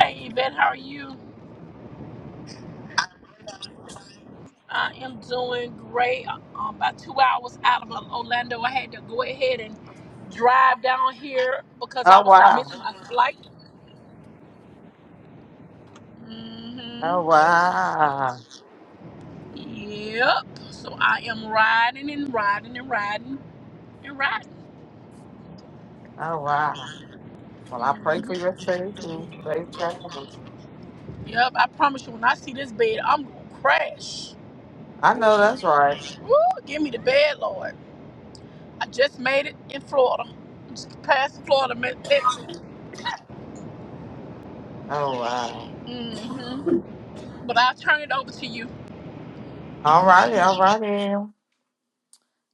Hey, Yvette, how are you? I am doing great. Uh, about two hours out of Orlando, I had to go ahead and drive down here because I Oh was going to wow. miss my flight. hmm Oh wow. Yep. So I am riding and riding and riding and riding. Oh wow. Well I pray hmm for your safety. Safe travels. Yep. I promise you, when I see this bed, I'm going to crash. I know that's right. Woo, give me the bed, Lord. I just made it in Florida. Just past Florida, met Texas. Oh wow. hmm But I'll turn it over to you. All righty, all righty.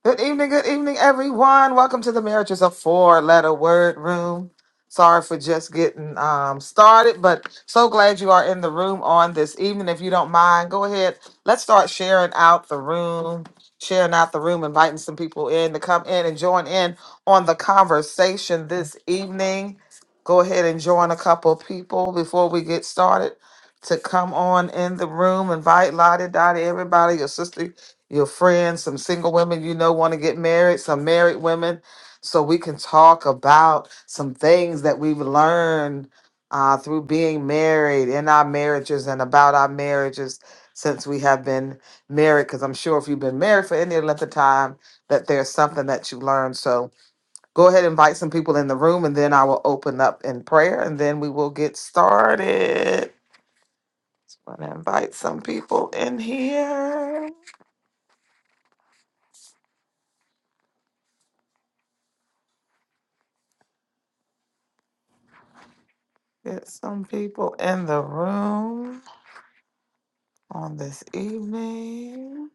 Good evening, good evening, everyone. Welcome to the Marriage is a Four Letter Word Room. Sorry for just getting um, started, but so glad you are in the room on this evening. If you don't mind, go ahead. Let's start sharing out the room, sharing out the room, inviting some people in to come in and join in on the conversation this evening. Go ahead and join a couple people before we get started to come on in the room. Invite Lottie, Dottie, everybody, your sister your friends, some single women you know want to get married, some married women, so we can talk about some things that we've learned uh, through being married in our marriages and about our marriages since we have been married. Because I'm sure if you've been married for any length of time, that there's something that you learned. So go ahead and invite some people in the room, and then I will open up in prayer, and then we will get started. Just want to invite some people in here. Get some people in the room on this evening.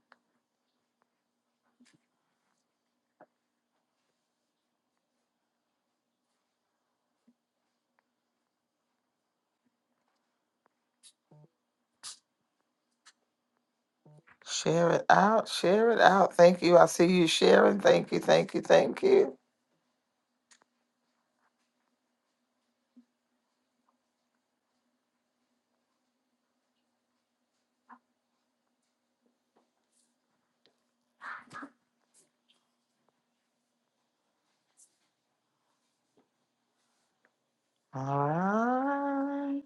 Share it out. Share it out. Thank you. I see you sharing. Thank you. Thank you. Thank you. All right.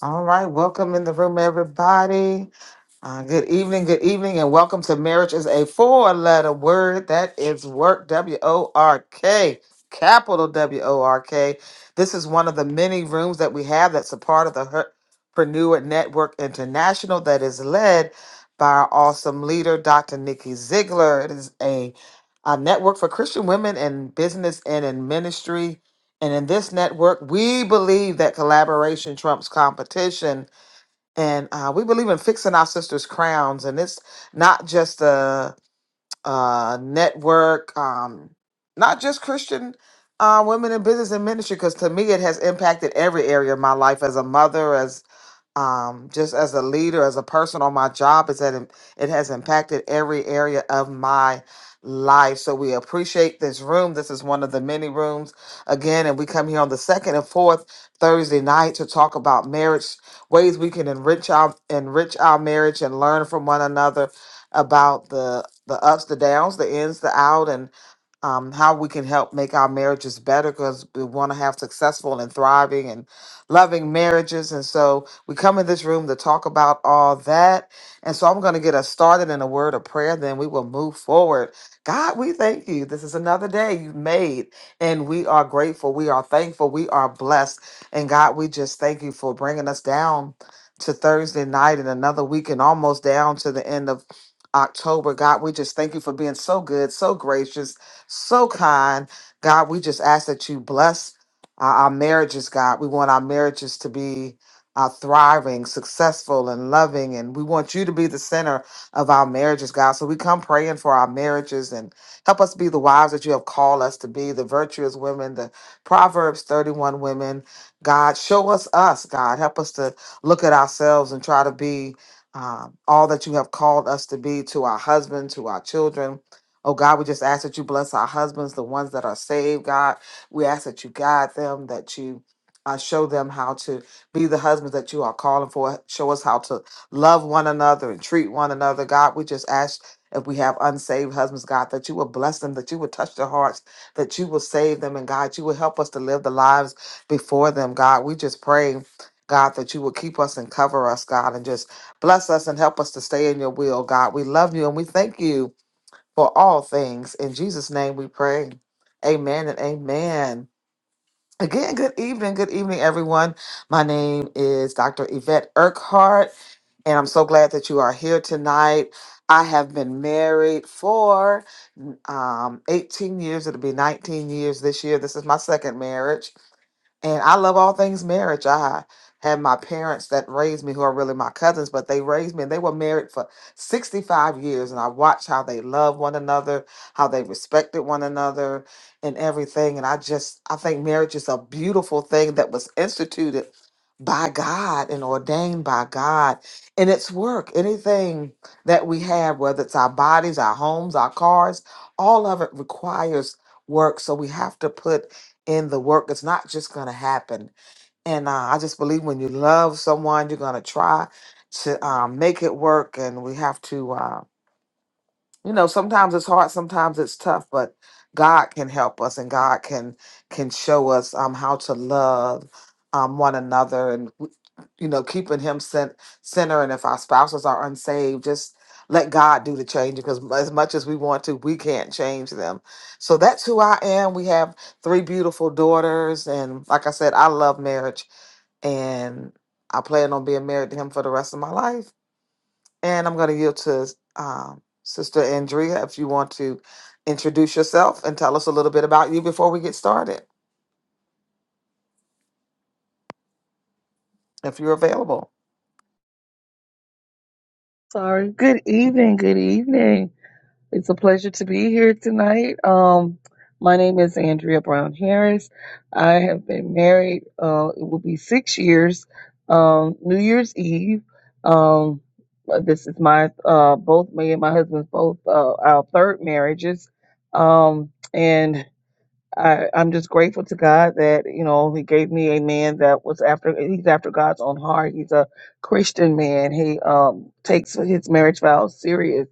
All right. Welcome in the room, everybody. Uh, good evening, good evening, and welcome to Marriage is a Four Letter Word. That is work, W O R K, capital W O R K. This is one of the many rooms that we have that's a part of the Herpreneur Network International that is led by our awesome leader, Dr. Nikki Ziegler. It is a, a network for Christian women in business and in ministry. And in this network, we believe that collaboration trumps competition and uh, we believe in fixing our sisters' crowns, and it's not just a, uh network, um, not just Christian uh, women in business and ministry. Because to me, it has impacted every area of my life as a mother, um, just as a leader, as a person on my job, is that it it has impacted every area of my life. So we appreciate this room. This is one of the many rooms again, and we come here on the second and fourth Thursday night to talk about marriage, ways we can enrich our enrich our marriage and learn from one another about the the ups, the downs, the ins, the out, um, how we can help make our marriages better because we want to have successful and thriving and loving marriages. And so we come in this room to talk about all that. And so I'm going to get us started in a word of prayer, then we will move forward. God, we thank you. This is another day you made, and we are grateful. We are thankful. We are blessed. And God, we just thank you for bringing us down to Thursday night and another week and almost down to the end of October. God, we just thank you for being so good, so gracious so kind. God, we just ask that you bless uh, our marriages, God. We want our marriages to be uh, thriving, successful, and loving. And we want you to be the center of our marriages, God. So we come praying for our marriages and help us be the wives that you have called us to be, the virtuous women, the Proverbs 31 women. God, show us us, God. Help us to look at ourselves and try to be um, all that you have called us to be to our husband, to our children Oh God, we just ask that you bless our husbands, the ones that are saved, God. We ask that you guide them, that you uh, show them how to be the husbands that you are calling for. Show us how to love one another and treat one another, God. We just ask if we have unsaved husbands, God, that you will bless them, that you will touch their hearts, that you will save them, and God, you will help us to live the lives before them, God. We just pray. God, that you will keep us and cover us, God, and just bless us and help us to stay in your will, God. We love you and we thank you for all things. In Jesus' name we pray. Amen and amen. Again, good evening. Good evening, everyone. My name is Dr. Yvette Urquhart, and I'm so glad that you are here tonight. I have been married for um, 18 years. It'll be 19 years this year. This is my second marriage. And I love all things marriage. I had my parents that raised me, who are really my cousins, but they raised me and they were married for 65 years. And I watched how they loved one another, how they respected one another, and everything. And I just, I think marriage is a beautiful thing that was instituted by God and ordained by God. And it's work. Anything that we have, whether it's our bodies, our homes, our cars, all of it requires work. So we have to put in the work. It's not just going to happen. And uh, I just believe when you love someone, you're going to try to um, make it work. And we have to. uh, you know sometimes it's hard sometimes it's tough but god can help us and god can can show us um how to love um one another and w- you know keeping him sent center and if our spouses are unsaved just let god do the change because as much as we want to we can't change them so that's who i am we have three beautiful daughters and like i said i love marriage and i plan on being married to him for the rest of my life and I'm going to yield to um, Sister Andrea if you want to introduce yourself and tell us a little bit about you before we get started, if you're available. Sorry. Good evening. Good evening. It's a pleasure to be here tonight. Um, my name is Andrea Brown Harris. I have been married. Uh, it will be six years. Um, New Year's Eve. Um, this is my uh both me and my husband's both uh, our third marriages. Um, and I, I'm just grateful to God that, you know, he gave me a man that was after, he's after God's own heart. He's a Christian man. He, um, takes his marriage vows serious.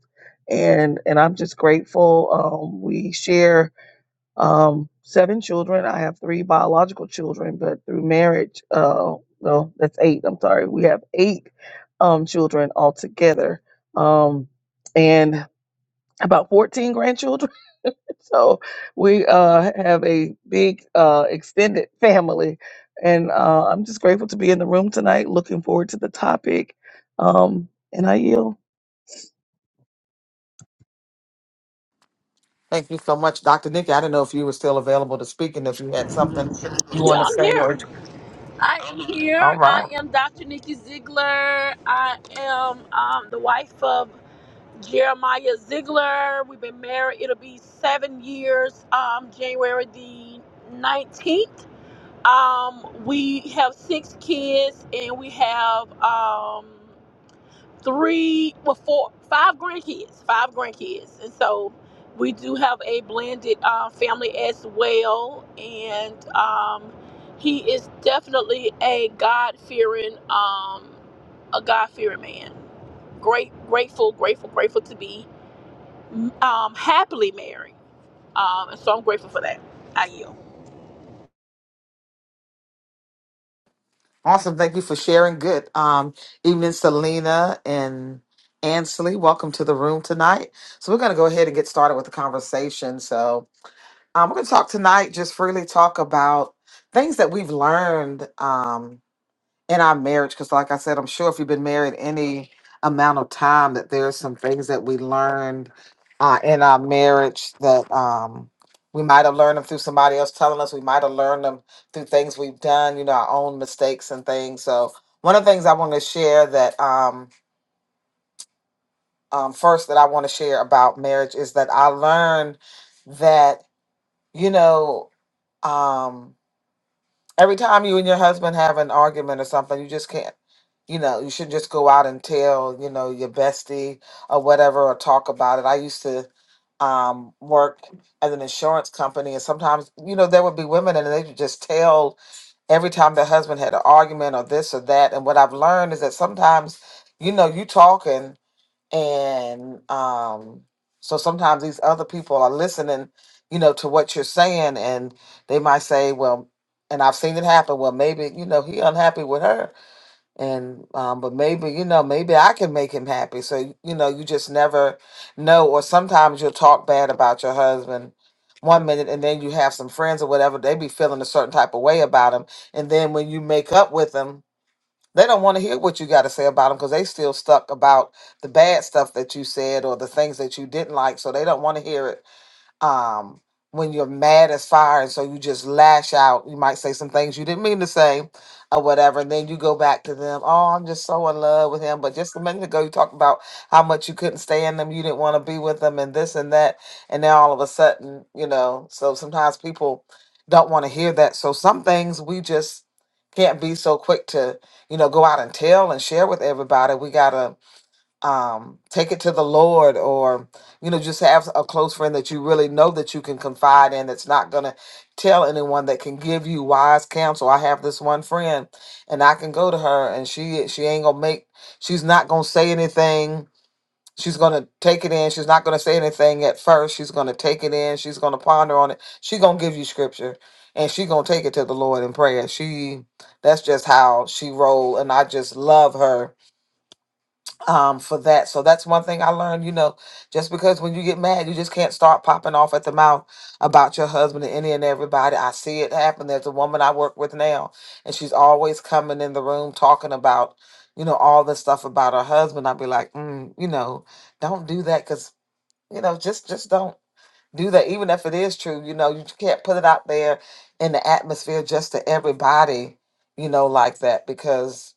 And, and I'm just grateful. Um, we share, um, seven children. I have three biological children, but through marriage, uh, no, that's eight. I'm sorry. We have eight, um, children altogether. Um, and about 14 grandchildren so we uh, have a big uh, extended family, and uh, I'm just grateful to be in the room tonight. Looking forward to the topic, um, and I yield. Thank you so much, Dr. Nikki. I didn't know if you were still available to speak and if you had something you Yeah, want to I'm say. here. Or I am here. all I right, am Dr. Nikki Ziegler. I am um, the wife of Jeremiah Ziegler. We've been married. It'll be seven years, um, January the 19th. Um, we have six kids and we have um, three, well, four, five grandkids, five grandkids, and so we do have a blended uh, family as well. And um, he is definitely a God fearing, um, a God fearing man. Great, grateful, grateful, grateful to be um, happily married. Um, and so I'm grateful for that. I yield. awesome. Thank you for sharing. Good um, evening, Selena and Ansley. Welcome to the room tonight. So we're going to go ahead and get started with the conversation. So um, we're going to talk tonight, just freely talk about things that we've learned. Um, in our marriage because like i said i'm sure if you've been married any amount of time that there's some things that we learned uh, in our marriage that um, we might have learned them through somebody else telling us we might have learned them through things we've done you know our own mistakes and things so one of the things i want to share that um, um, first that i want to share about marriage is that i learned that you know um, Every time you and your husband have an argument or something, you just can't, you know, you should just go out and tell, you know, your bestie or whatever or talk about it. I used to um, work as an insurance company, and sometimes, you know, there would be women and they would just tell every time their husband had an argument or this or that. And what I've learned is that sometimes, you know, you talking and um so sometimes these other people are listening you know to what you're saying and they might say well and i've seen it happen well maybe you know he unhappy with her and um but maybe you know maybe i can make him happy so you know you just never know or sometimes you'll talk bad about your husband one minute and then you have some friends or whatever they be feeling a certain type of way about him and then when you make up with them they don't want to hear what you got to say about them because they still stuck about the bad stuff that you said or the things that you didn't like. So they don't want to hear it um when you're mad as fire and so you just lash out you might say some things you didn't mean to say or whatever and then you go back to them oh i'm just so in love with him but just a minute ago you talked about how much you couldn't stand them you didn't want to be with them and this and that and now all of a sudden you know so sometimes people don't want to hear that so some things we just can't be so quick to you know go out and tell and share with everybody we gotta um, take it to the Lord, or you know, just have a close friend that you really know that you can confide in. That's not gonna tell anyone that can give you wise counsel. I have this one friend, and I can go to her, and she she ain't gonna make. She's not gonna say anything. She's gonna take it in. She's not gonna say anything at first. She's gonna take it in. She's gonna ponder on it. She gonna give you scripture, and she gonna take it to the Lord in prayer. She that's just how she roll, and I just love her um, for that. So that's one thing I learned, you know, just because when you get mad, you just can't start popping off at the mouth about your husband and any and everybody. I see it happen. There's a woman I work with now, and she's always coming in the room talking about, you know, all this stuff about her husband. I'd be like, mm, you know, don't do that because, you know, just just don't do that. Even if it is true, you know, you can't put it out there in the atmosphere just to everybody, you know, like that because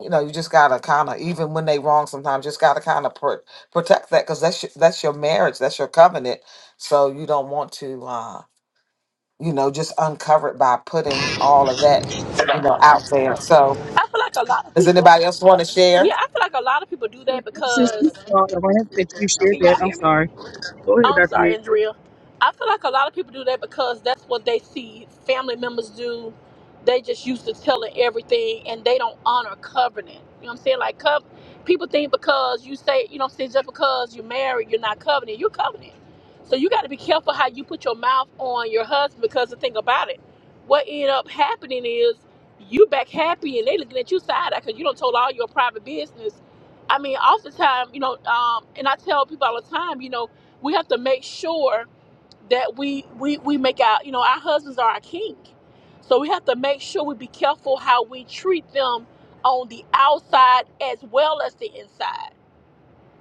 you know, you just gotta kind of, even when they wrong, sometimes just gotta kind of pr- protect that because that's your, that's your marriage, that's your covenant. So you don't want to, uh, you know, just uncover it by putting all of that, you know, out there. So I feel like a lot of does people. anybody else want to share? Yeah, I feel like a lot of people do that Sis, you because. saw the rant that you shared Can that. y'all I'm hear me? sorry. Go ahead, Oh, I'm Dr. sorry, Nick. Andrea. I feel like a lot of people do that because that's what they see family members do. They just used to telling everything and they don't honor covenant. You know what I'm saying? Like, cov- people think because you say, you know what I'm saying, just because you're married, you're not covenant. You're covenant. So you got to be careful how you put your mouth on your husband because the thing about it, what end up happening is you back happy and they looking at you side eye because you don't told all your private business I mean, oftentimes, you know, um, and I tell people all the time, you know, we have to make sure that we we we make our you know our husbands are our king so we have to make sure we be careful how we treat them on the outside as well as the inside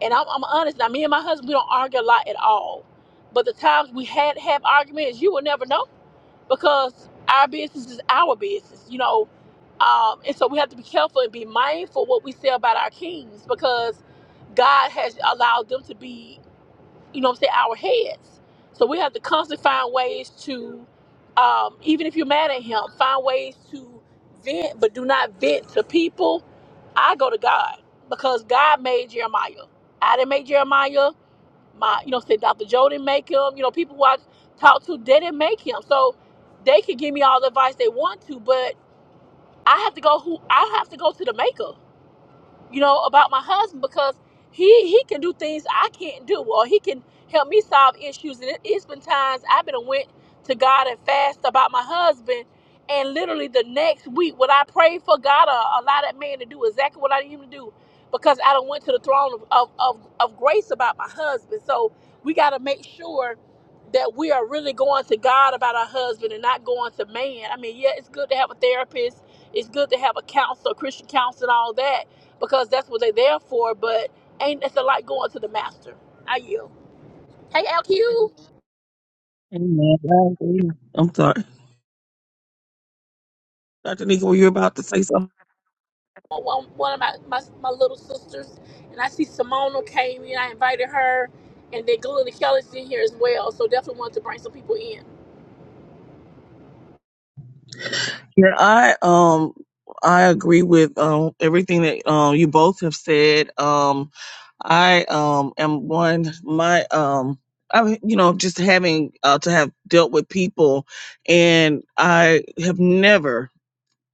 and i'm, I'm honest now me and my husband we don't argue a lot at all but the times we had have arguments you will never know because our business is our business you know um, and so we have to be careful and be mindful what we say about our kings because god has allowed them to be you know what I'm saying, our heads. So we have to constantly find ways to, um, even if you're mad at him, find ways to vent, but do not vent to people. I go to God because God made Jeremiah. I didn't make Jeremiah. My, you know, say Dr. Joe didn't make him. You know, people who I talk to, they didn't make him. So they can give me all the advice they want to, but I have to go who I have to go to the maker you know, about my husband because he he can do things I can't do, or he can help me solve issues. And it, it's been times I've been a went to God and fast about my husband, and literally the next week, when I prayed for God, uh, allow that man to do exactly what I need him to do, because I don't went to the throne of of, of, of grace about my husband. So we got to make sure that we are really going to God about our husband and not going to man. I mean, yeah, it's good to have a therapist. It's good to have a counselor, Christian counselor, and all that because that's what they're there for. But ain't it's a lot going to the master. I yield. Hey, LQ, Amen. I agree. I'm sorry, Dr. Nika, were you about to say something? one, one of my, my my little sisters, and I see Simona came in. I invited her, and then Glenda Kelly's in here as well. So definitely wanted to bring some people in. Yeah, I um I agree with um everything that um you both have said. Um I um am one my um I you know just having uh, to have dealt with people and I have never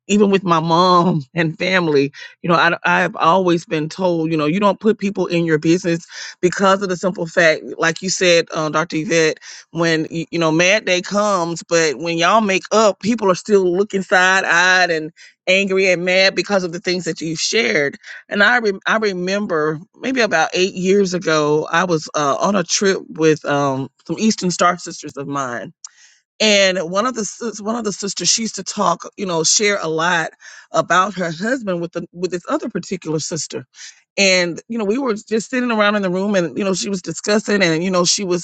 even with my mom and family, you know, I, I've always been told, you know, you don't put people in your business because of the simple fact, like you said, uh, Dr. Yvette, when, y- you know, mad day comes, but when y'all make up, people are still looking side eyed and angry and mad because of the things that you have shared. And I, rem I remember maybe about eight years ago, I was uh, on a trip with um, some Eastern Star sisters of mine and one of the sis- one of the sisters she used to talk you know share a lot about her husband with the with this other particular sister and you know we were just sitting around in the room and you know she was discussing and you know she was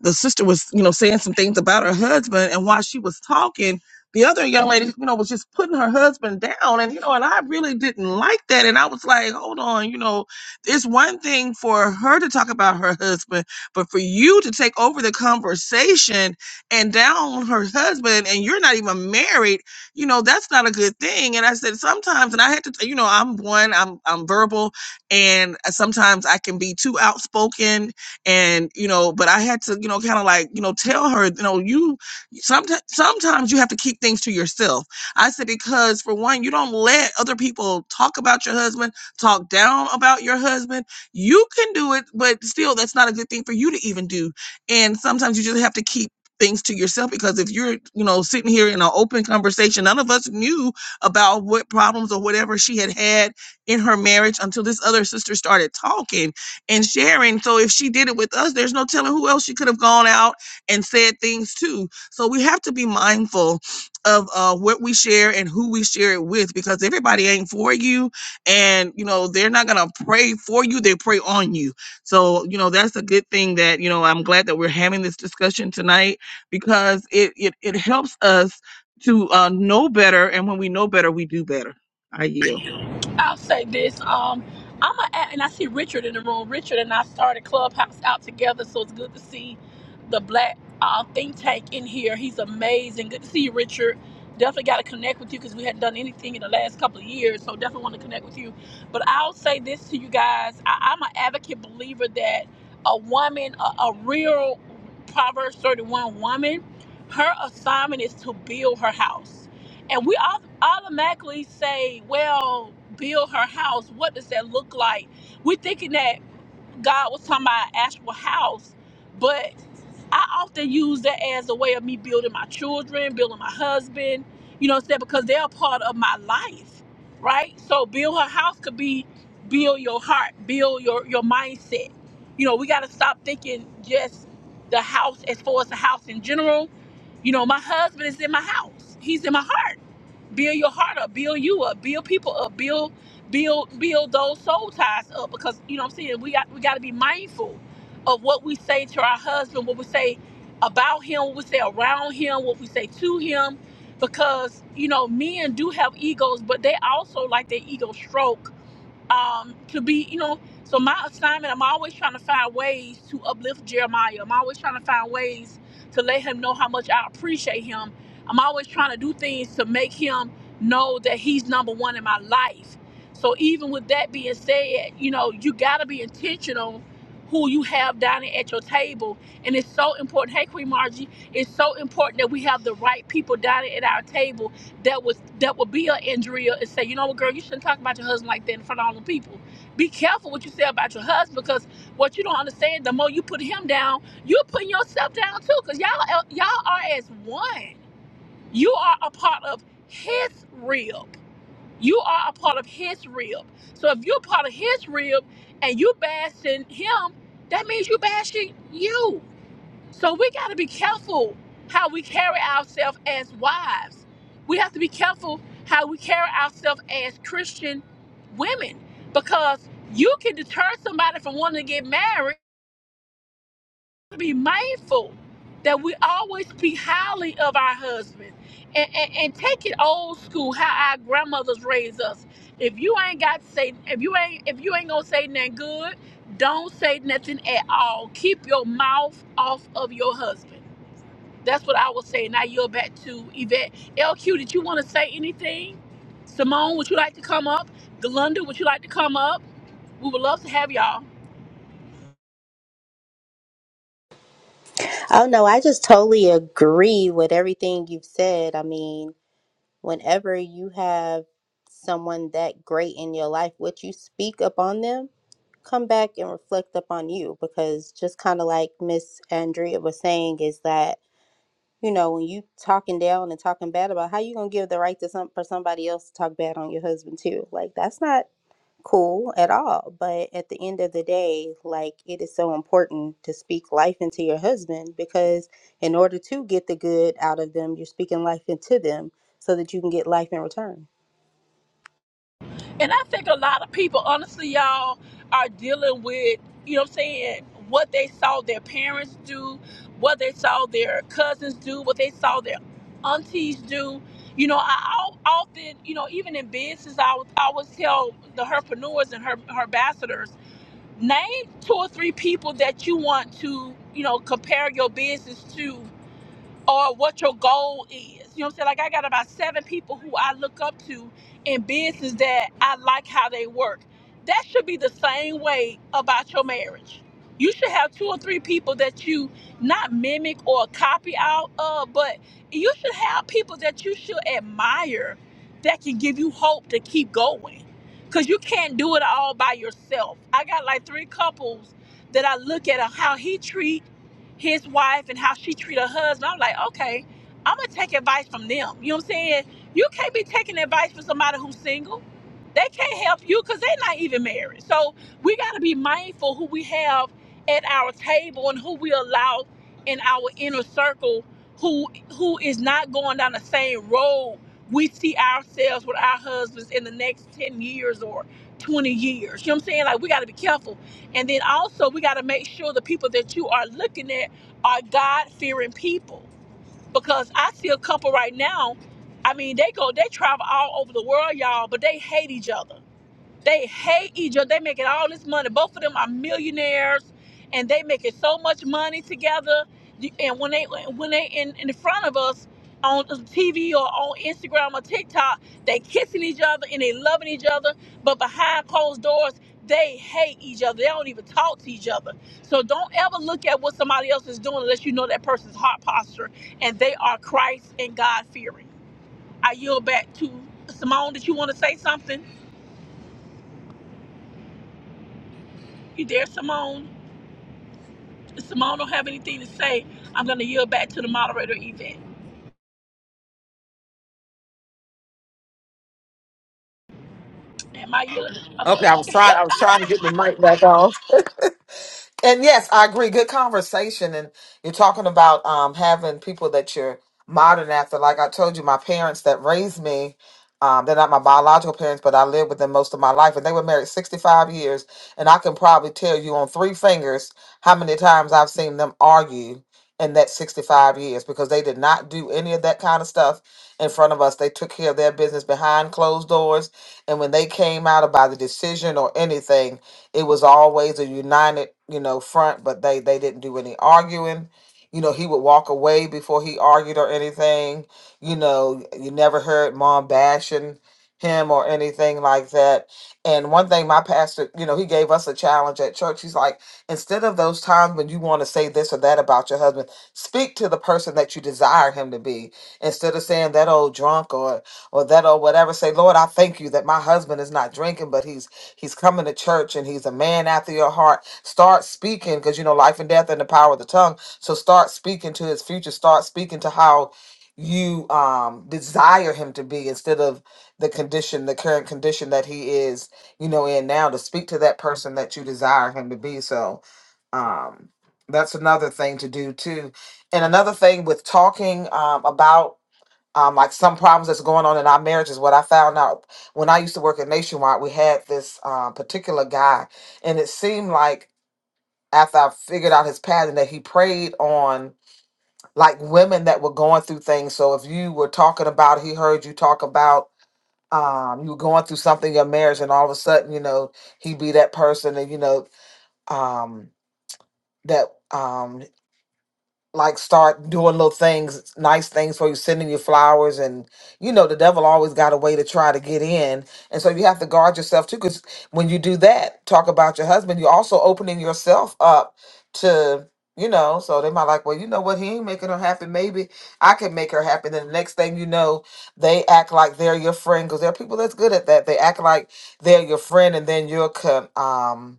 the sister was, you know, saying some things about her husband, and while she was talking, the other young lady, you know, was just putting her husband down, and you know, and I really didn't like that, and I was like, hold on, you know, it's one thing for her to talk about her husband, but for you to take over the conversation and down her husband, and you're not even married, you know, that's not a good thing. And I said sometimes, and I had to, t- you know, I'm one, I'm I'm verbal, and sometimes I can be too outspoken and you know but i had to you know kind of like you know tell her you know you sometimes sometimes you have to keep things to yourself i said because for one you don't let other people talk about your husband talk down about your husband you can do it but still that's not a good thing for you to even do and sometimes you just have to keep things to yourself because if you're you know sitting here in an open conversation none of us knew about what problems or whatever she had had in her marriage until this other sister started talking and sharing. So if she did it with us, there's no telling who else she could have gone out and said things to. So we have to be mindful of uh, what we share and who we share it with, because everybody ain't for you, and you know they're not gonna pray for you; they pray on you. So you know that's a good thing that you know I'm glad that we're having this discussion tonight because it it, it helps us to uh, know better, and when we know better, we do better. I yield. I'll say this. Um, I'm a, and I see Richard in the room. Richard and I started Clubhouse out together, so it's good to see the black uh, think tank in here. He's amazing. Good to see you, Richard. Definitely got to connect with you because we hadn't done anything in the last couple of years, so definitely want to connect with you. But I'll say this to you guys: I, I'm an advocate believer that a woman, a, a real Proverbs 31 woman, her assignment is to build her house and we au- automatically say, "Well, build her house. What does that look like?" We're thinking that God was talking about an actual house, but I often use that as a way of me building my children, building my husband. You know, what I'm saying because they're a part of my life, right? So, build her house could be build your heart, build your your mindset. You know, we got to stop thinking just the house as far as the house in general. You know, my husband is in my house. He's in my heart build your heart up, build you up, build people up, build build build those soul ties up because you know what I'm saying we got we got to be mindful of what we say to our husband, what we say about him, what we say around him, what we say to him because you know men do have egos, but they also like their ego stroke um, to be, you know, so my assignment, I'm always trying to find ways to uplift Jeremiah. I'm always trying to find ways to let him know how much I appreciate him. I'm always trying to do things to make him know that he's number one in my life. So even with that being said, you know, you gotta be intentional who you have dining at your table. And it's so important. Hey Queen Margie, it's so important that we have the right people dining at our table that was that would be an injury and say, you know what, girl, you shouldn't talk about your husband like that in front of all the people. Be careful what you say about your husband because what you don't understand, the more you put him down, you're putting yourself down too. Because y'all uh, y'all are as one. You are a part of his rib. You are a part of his rib. So if you're a part of his rib and you bashing him, that means you bashing you so we got to be careful how we carry ourselves as wives. We have to be careful how we carry ourselves as Christian women because you can deter somebody from wanting to get married. Be mindful that we always speak highly of our husband and, and, and take it old school how our grandmothers raised us. If you ain't got to say if you ain't if you ain't gonna say nothing good, don't say nothing at all. Keep your mouth off of your husband that's what I would say. Now you're back to Yvette. LQ, did you want to say anything? Simone, would you like to come up? Galunda, would you like to come up? We would love to have y'all. Oh no, I just totally agree with everything you've said. I mean, whenever you have someone that great in your life, what you speak upon them, come back and reflect upon you because just kind of like Miss Andrea was saying is that, you know, when you talking down and talking bad about how you going to give the right to some for somebody else to talk bad on your husband too. Like that's not cool at all. But at the end of the day, like it is so important to speak life into your husband because in order to get the good out of them, you're speaking life into them so that you can get life in return. And I think a lot of people, honestly, y'all are dealing with, you know what I'm saying, what they saw their parents do, what they saw their cousins do, what they saw their aunties do. You know, I al- often, you know, even in business, I would I always tell the herpreneurs and her, her name two or three people that you want to you know compare your business to or what your goal is. You know what I'm saying? Like I got about seven people who I look up to in business that I like how they work. That should be the same way about your marriage. You should have two or three people that you not mimic or copy out of, but you should have people that you should admire that can give you hope to keep going. Cause you can't do it all by yourself. I got like three couples that I look at how he treat his wife and how she treat her husband. I'm like, okay, I'm gonna take advice from them. You know what I'm saying? You can't be taking advice from somebody who's single. They can't help you because they're not even married. So we gotta be mindful who we have at our table and who we allow in our inner circle who who is not going down the same road we see ourselves with our husbands in the next 10 years or 20 years. You know what I'm saying? Like we gotta be careful and then also, we got to make sure the people that you are looking at are God fearing people. Because I see a couple right now, I mean, they go, they travel all over the world, y'all, but they hate each other. They hate each other. They making all this money. Both of them are millionaires, and they making so much money together. And when they when they in, in front of us on TV or on Instagram or TikTok, they kissing each other and they loving each other. But behind closed doors, they hate each other. They don't even talk to each other. So don't ever look at what somebody else is doing unless you know that person's heart posture and they are Christ and God fearing. I yield back to Simone. Did you want to say something? You there, Simone? If Simone don't have anything to say, I'm gonna yield back to the moderator, Yvette. Am I yielding? Okay. Okay, I was trying, I was trying to get the mic back on. And yes, I agree. Good conversation. And you're talking about um, having people that you're modern after. Like I told you, my parents that raised me, um, they're not my biological parents, but I lived with them most of my life. And they were married 65 years. And I can probably tell you on three fingers how many times I've seen them argue in that 65 years because they did not do any of that kind of stuff in front of us. They took care of their business behind closed doors. And when they came out about the decision or anything, it was always a united, you know, front, but they they didn't do any arguing. You know, he would walk away before he argued or anything. You know, you never heard mom bashing him or anything like that. And one thing my pastor, you know, he gave us a challenge at church. He's like, instead of those times when you want to say this or that about your husband, speak to the person that you desire him to be. Instead of saying that old drunk or or that or whatever, say, Lord, I thank you that my husband is not drinking, but he's He's coming to church and he's a man after your heart. Start speaking because you know life and death and the power of the tongue. So start speaking to his future. Start speaking to how you um desire him to be instead of the condition, the current condition that he is, you know, in now to speak to that person that you desire him to be. So um that's another thing to do too. And another thing with talking um, about um, like some problems that's going on in our marriage is what I found out when I used to work at Nationwide. We had this um, particular guy, and it seemed like after I figured out his pattern that he preyed on like women that were going through things. So if you were talking about, he heard you talk about um, you were going through something in your marriage, and all of a sudden, you know, he'd be that person, and you know, um, that. Um, like start doing little things, nice things for you, sending you flowers, and you know the devil always got a way to try to get in, and so you have to guard yourself too. Because when you do that, talk about your husband, you're also opening yourself up to you know. So they might like, well, you know what, he ain't making her happy. Maybe I can make her happy. Then the next thing you know, they act like they're your friend because there are people that's good at that. They act like they're your friend, and then you're con- um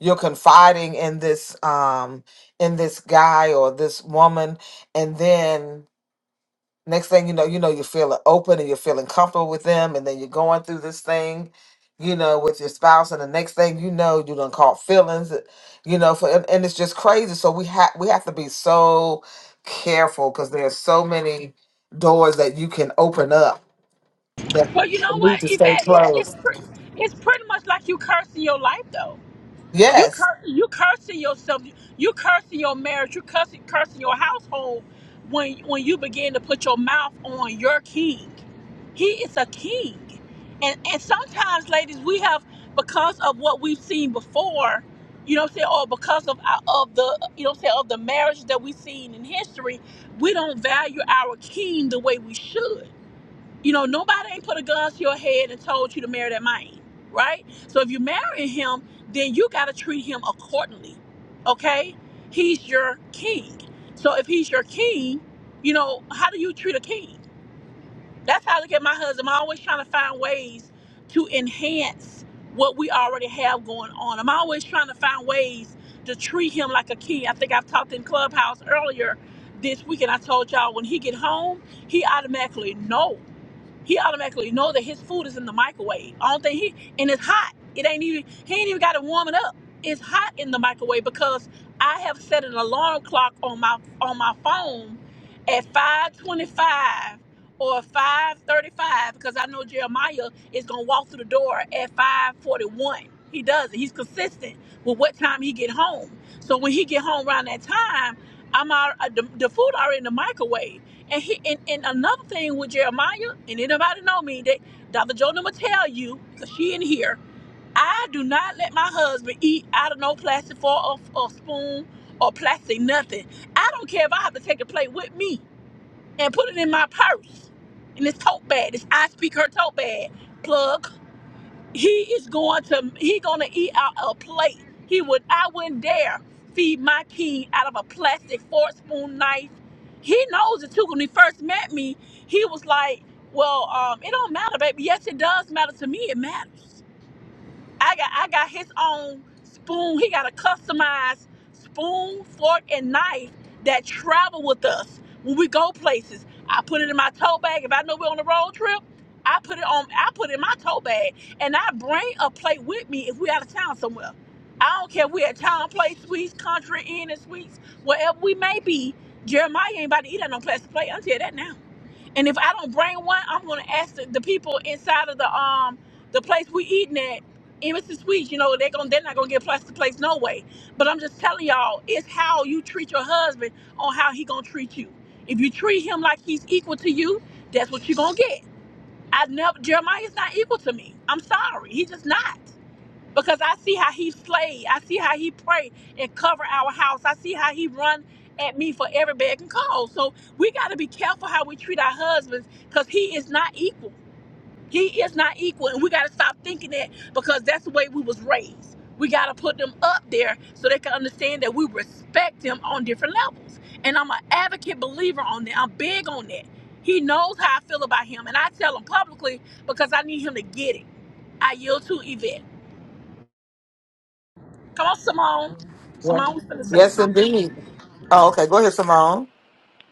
you're confiding in this um in this guy or this woman and then next thing you know you know you're feeling open and you're feeling comfortable with them and then you're going through this thing you know with your spouse and the next thing you know you done caught feelings you know for and, and it's just crazy so we have we have to be so careful because there's so many doors that you can open up that Well, you know need what, to stay Yvette, it's it's, closed pre- it's pretty much like you cursing your life, though. You yes cur- you cursing yourself. You cursing your marriage. You cursing cursing your household when when you begin to put your mouth on your king. He is a king, and and sometimes, ladies, we have because of what we've seen before. You know what I'm saying, or because of our- of the you know what I'm saying of the marriage that we've seen in history, we don't value our king the way we should. You know, nobody ain't put a gun to your head and told you to marry that man, right? So if you're marrying him, then you got to treat him accordingly, okay? He's your king. So if he's your king, you know, how do you treat a king? That's how I look at my husband. I'm always trying to find ways to enhance what we already have going on. I'm always trying to find ways to treat him like a king. I think I've talked in Clubhouse earlier this week, and I told y'all when he get home, he automatically knows. He automatically know that his food is in the microwave. I don't think he and it's hot. It ain't even he ain't even got to warm it up. It's hot in the microwave because I have set an alarm clock on my on my phone at 525 or 535 because I know Jeremiah is gonna walk through the door at 541. He does it. He's consistent with what time he get home. So when he get home around that time, I'm out. The, the food already in the microwave. And he and, and another thing with Jeremiah, and anybody know me, that Dr. Jonah will tell you, because she in here, I do not let my husband eat out of no plastic fork or, or spoon or plastic nothing. I don't care if I have to take a plate with me and put it in my purse. In this tote bag. This I speak her tote bag. Plug he is going to he gonna eat out a plate. He would I wouldn't dare feed my king out of a plastic fork, spoon, knife. He knows it too. When he first met me, he was like, "Well, um, it don't matter, baby. Yes, it does matter to me. It matters." I got I got his own spoon. He got a customized spoon, fork, and knife that travel with us when we go places. I put it in my tote bag. If I know we're on a road trip, I put it on. I put it in my tote bag, and I bring a plate with me if we out of town somewhere. I don't care if we at town place sweets, country inn and sweets, wherever we may be. Jeremiah ain't about to eat on no plastic plate. I'll tell you that now. And if I don't bring one, I'm gonna ask the, the people inside of the um the place we eating at, Emerson Sweets. You know they're gonna they're not gonna get plus the place no way. But I'm just telling y'all, it's how you treat your husband on how he gonna treat you. If you treat him like he's equal to you, that's what you gonna get. I never Jeremiah's not equal to me. I'm sorry, he just not because I see how he slayed. I see how he prayed and covered our house. I see how he run at me for every bag and call. So we got to be careful how we treat our husbands because he is not equal. He is not equal, and we got to stop thinking that because that's the way we was raised. We got to put them up there so they can understand that we respect them on different levels. And I'm an advocate believer on that. I'm big on that. He knows how I feel about him, and I tell him publicly because I need him to get it. I yield to Yvette. Come on, Simone. yes Simone was gonna say yes something. indeed oh okay go ahead simone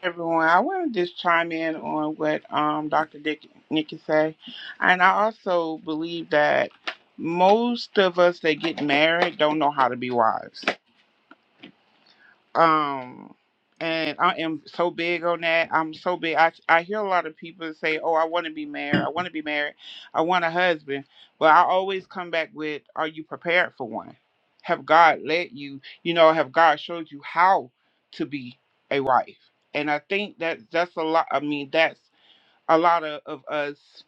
everyone. I want to just chime in on what um, Dr. Dick, Nikki say, and I also believe that most of us that get married don't know how to be wives um and i am so big on that i'm so big i, I hear a lot of people say oh i want to be married i want to be married i want a husband but i always come back with are you prepared for one have god let you you know have god showed you how to be a wife and i think that that's a lot i mean that's a lot of, of us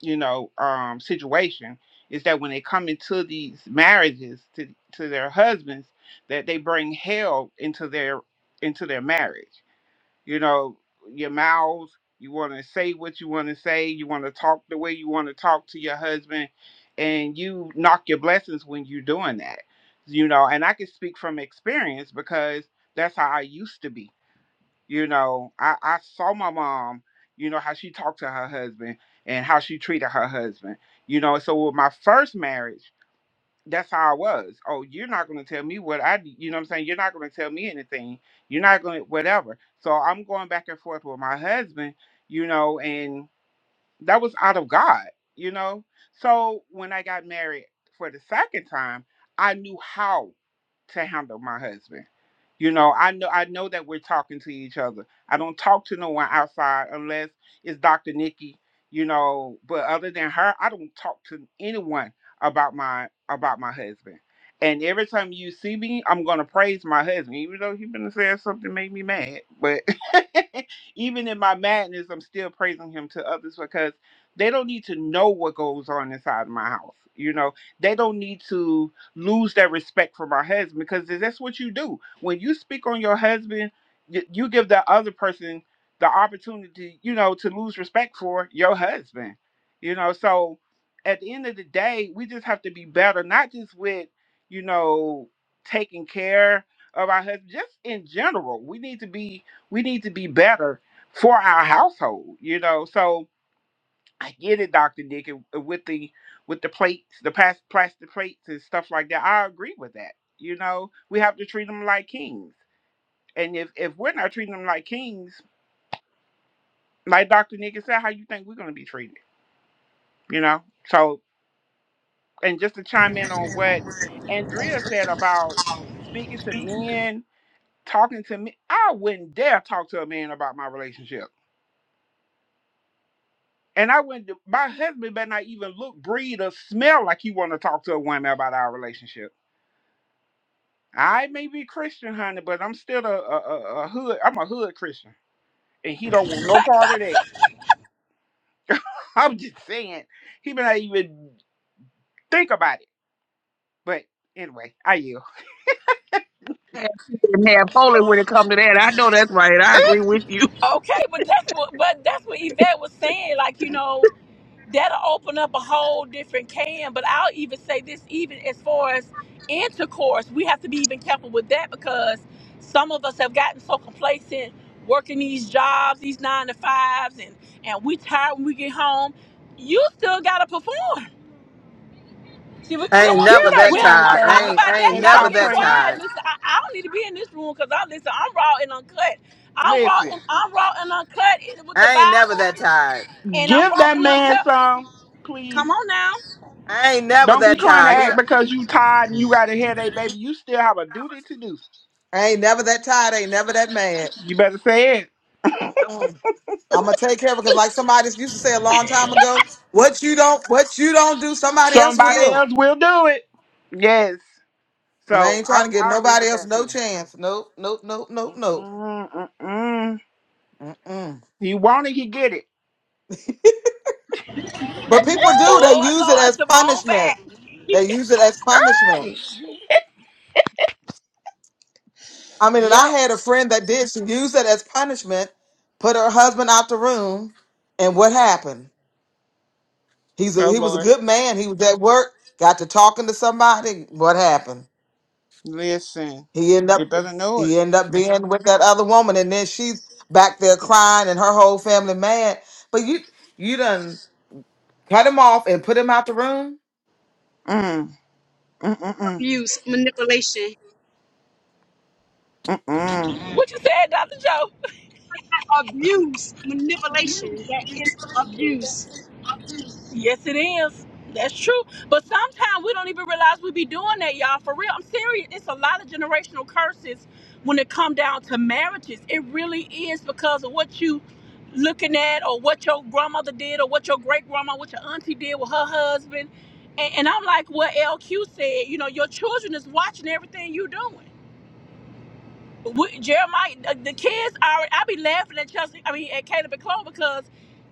you know um situation is that when they come into these marriages to to their husbands that they bring hell into their into their marriage you know your mouths you want to say what you want to say you want to talk the way you want to talk to your husband and you knock your blessings when you're doing that you know and i can speak from experience because that's how i used to be you know i i saw my mom you know how she talked to her husband and how she treated her husband you know so with my first marriage that's how i was oh you're not going to tell me what i d- you know what i'm saying you're not going to tell me anything you're not going to whatever so i'm going back and forth with my husband you know and that was out of god you know so when i got married for the second time i knew how to handle my husband you know, I know I know that we're talking to each other. I don't talk to no one outside unless it's Dr. Nikki, you know, but other than her, I don't talk to anyone about my about my husband. And every time you see me, I'm gonna praise my husband, even though he been saying something made me mad. But even in my madness, I'm still praising him to others because they don't need to know what goes on inside my house. You know, they don't need to lose that respect from our husband because that's what you do when you speak on your husband y- you give the other person the opportunity you know to lose respect for your husband you know so at the end of the day we just have to be better not just with you know taking care of our husband just in general we need to be we need to be better for our household you know so I get it, Doctor Nick, and- and with the with the plates, the past plastic plates and stuff like that. I agree with that. You know, we have to treat them like kings, and if if we're not treating them like kings, like Doctor Nick said, how you think we're gonna be treated? You know, so and just to chime in on what Andrea said about speaking to men, talking to me, I wouldn't dare talk to a man about my relationship. And I wouldn't. My husband better not even look, breathe, or smell like he want to talk to a woman about our relationship I may be Christian, honey, but I'm still a, a, a, a hood. I'm a hood Christian, and he don't want no Like, part of that. I'm just saying, he may not even think about it. But anyway, I yield. Have and have polling when it comes to that. I know that's right. I agree with you. okay, but that's what but that's what Yvette was saying. Like, you know, that'll open up a whole different can. But I'll even say this, even as far as intercourse, we have to be even careful with that because some of us have gotten so complacent working these jobs, these nine to fives, and and we tired when we get home. You still gotta perform. See, we, we I don't ain't want Give to, never that we that don't man want tired. to I talk some ain't, about I that. ain't and Y'all never stop get that playing. quiet. tired. Listen, I, I don't need to be in this room because I listen. I'm raw and uncut. I'm raw Listen, and I'm raw and uncut in- with the I ain't never Bible, that tired. and I'm give raw that and man uncut. some, please. Come on now. I ain't never Don't be that trying to tired. act He, because you tired and you got a headache, baby. You still have a duty to do. I ain't never that tired. I ain't never that mad. You better say it. Mm-mm. I'm gonna take care of it because, like somebody used to say a long time ago, what you don't, what you don't do, somebody else Somebody will. else will do it. Yes. And I So ain't I trying to give I agree nobody with else that no too. chance. Nope, nope, nope, nope, nope. Mm-mm-mm-mm. Mm-mm. You want it, you get it. But people do. They Oh use it Lord, as Simone punishment. back. They use it as punishment. I mean, and I Yep. had a friend that did. She used it as punishment, put her husband out the room, and what happened? He's a, Oh he was a Lord, good man. He was at work, got to talking to somebody. What happened? listen. He ended You up better know it. he ended up being with that other woman, and then she's back there crying, and her whole family mad. But you you done cut him off and put him out the room. Mm, mm, mm, mm, abuse, manipulation. mm, mm. what you said, Doctor Joe? Abuse, manipulation. That is abuse. Yes, it is. That's true. But sometimes we don't even realize we be doing that, y'all. For real, I'm serious. It's a lot of generational curses when it come down to marriages. It really is because of what you looking at or what your grandmother did or what your great grandma, what your auntie did with her husband. And, and I'm like what LQ said, you know, your children is watching everything you doing we, Jeremiah, the, the kids are. I be laughing at Chelsea. I mean, at Caleb and Chloe because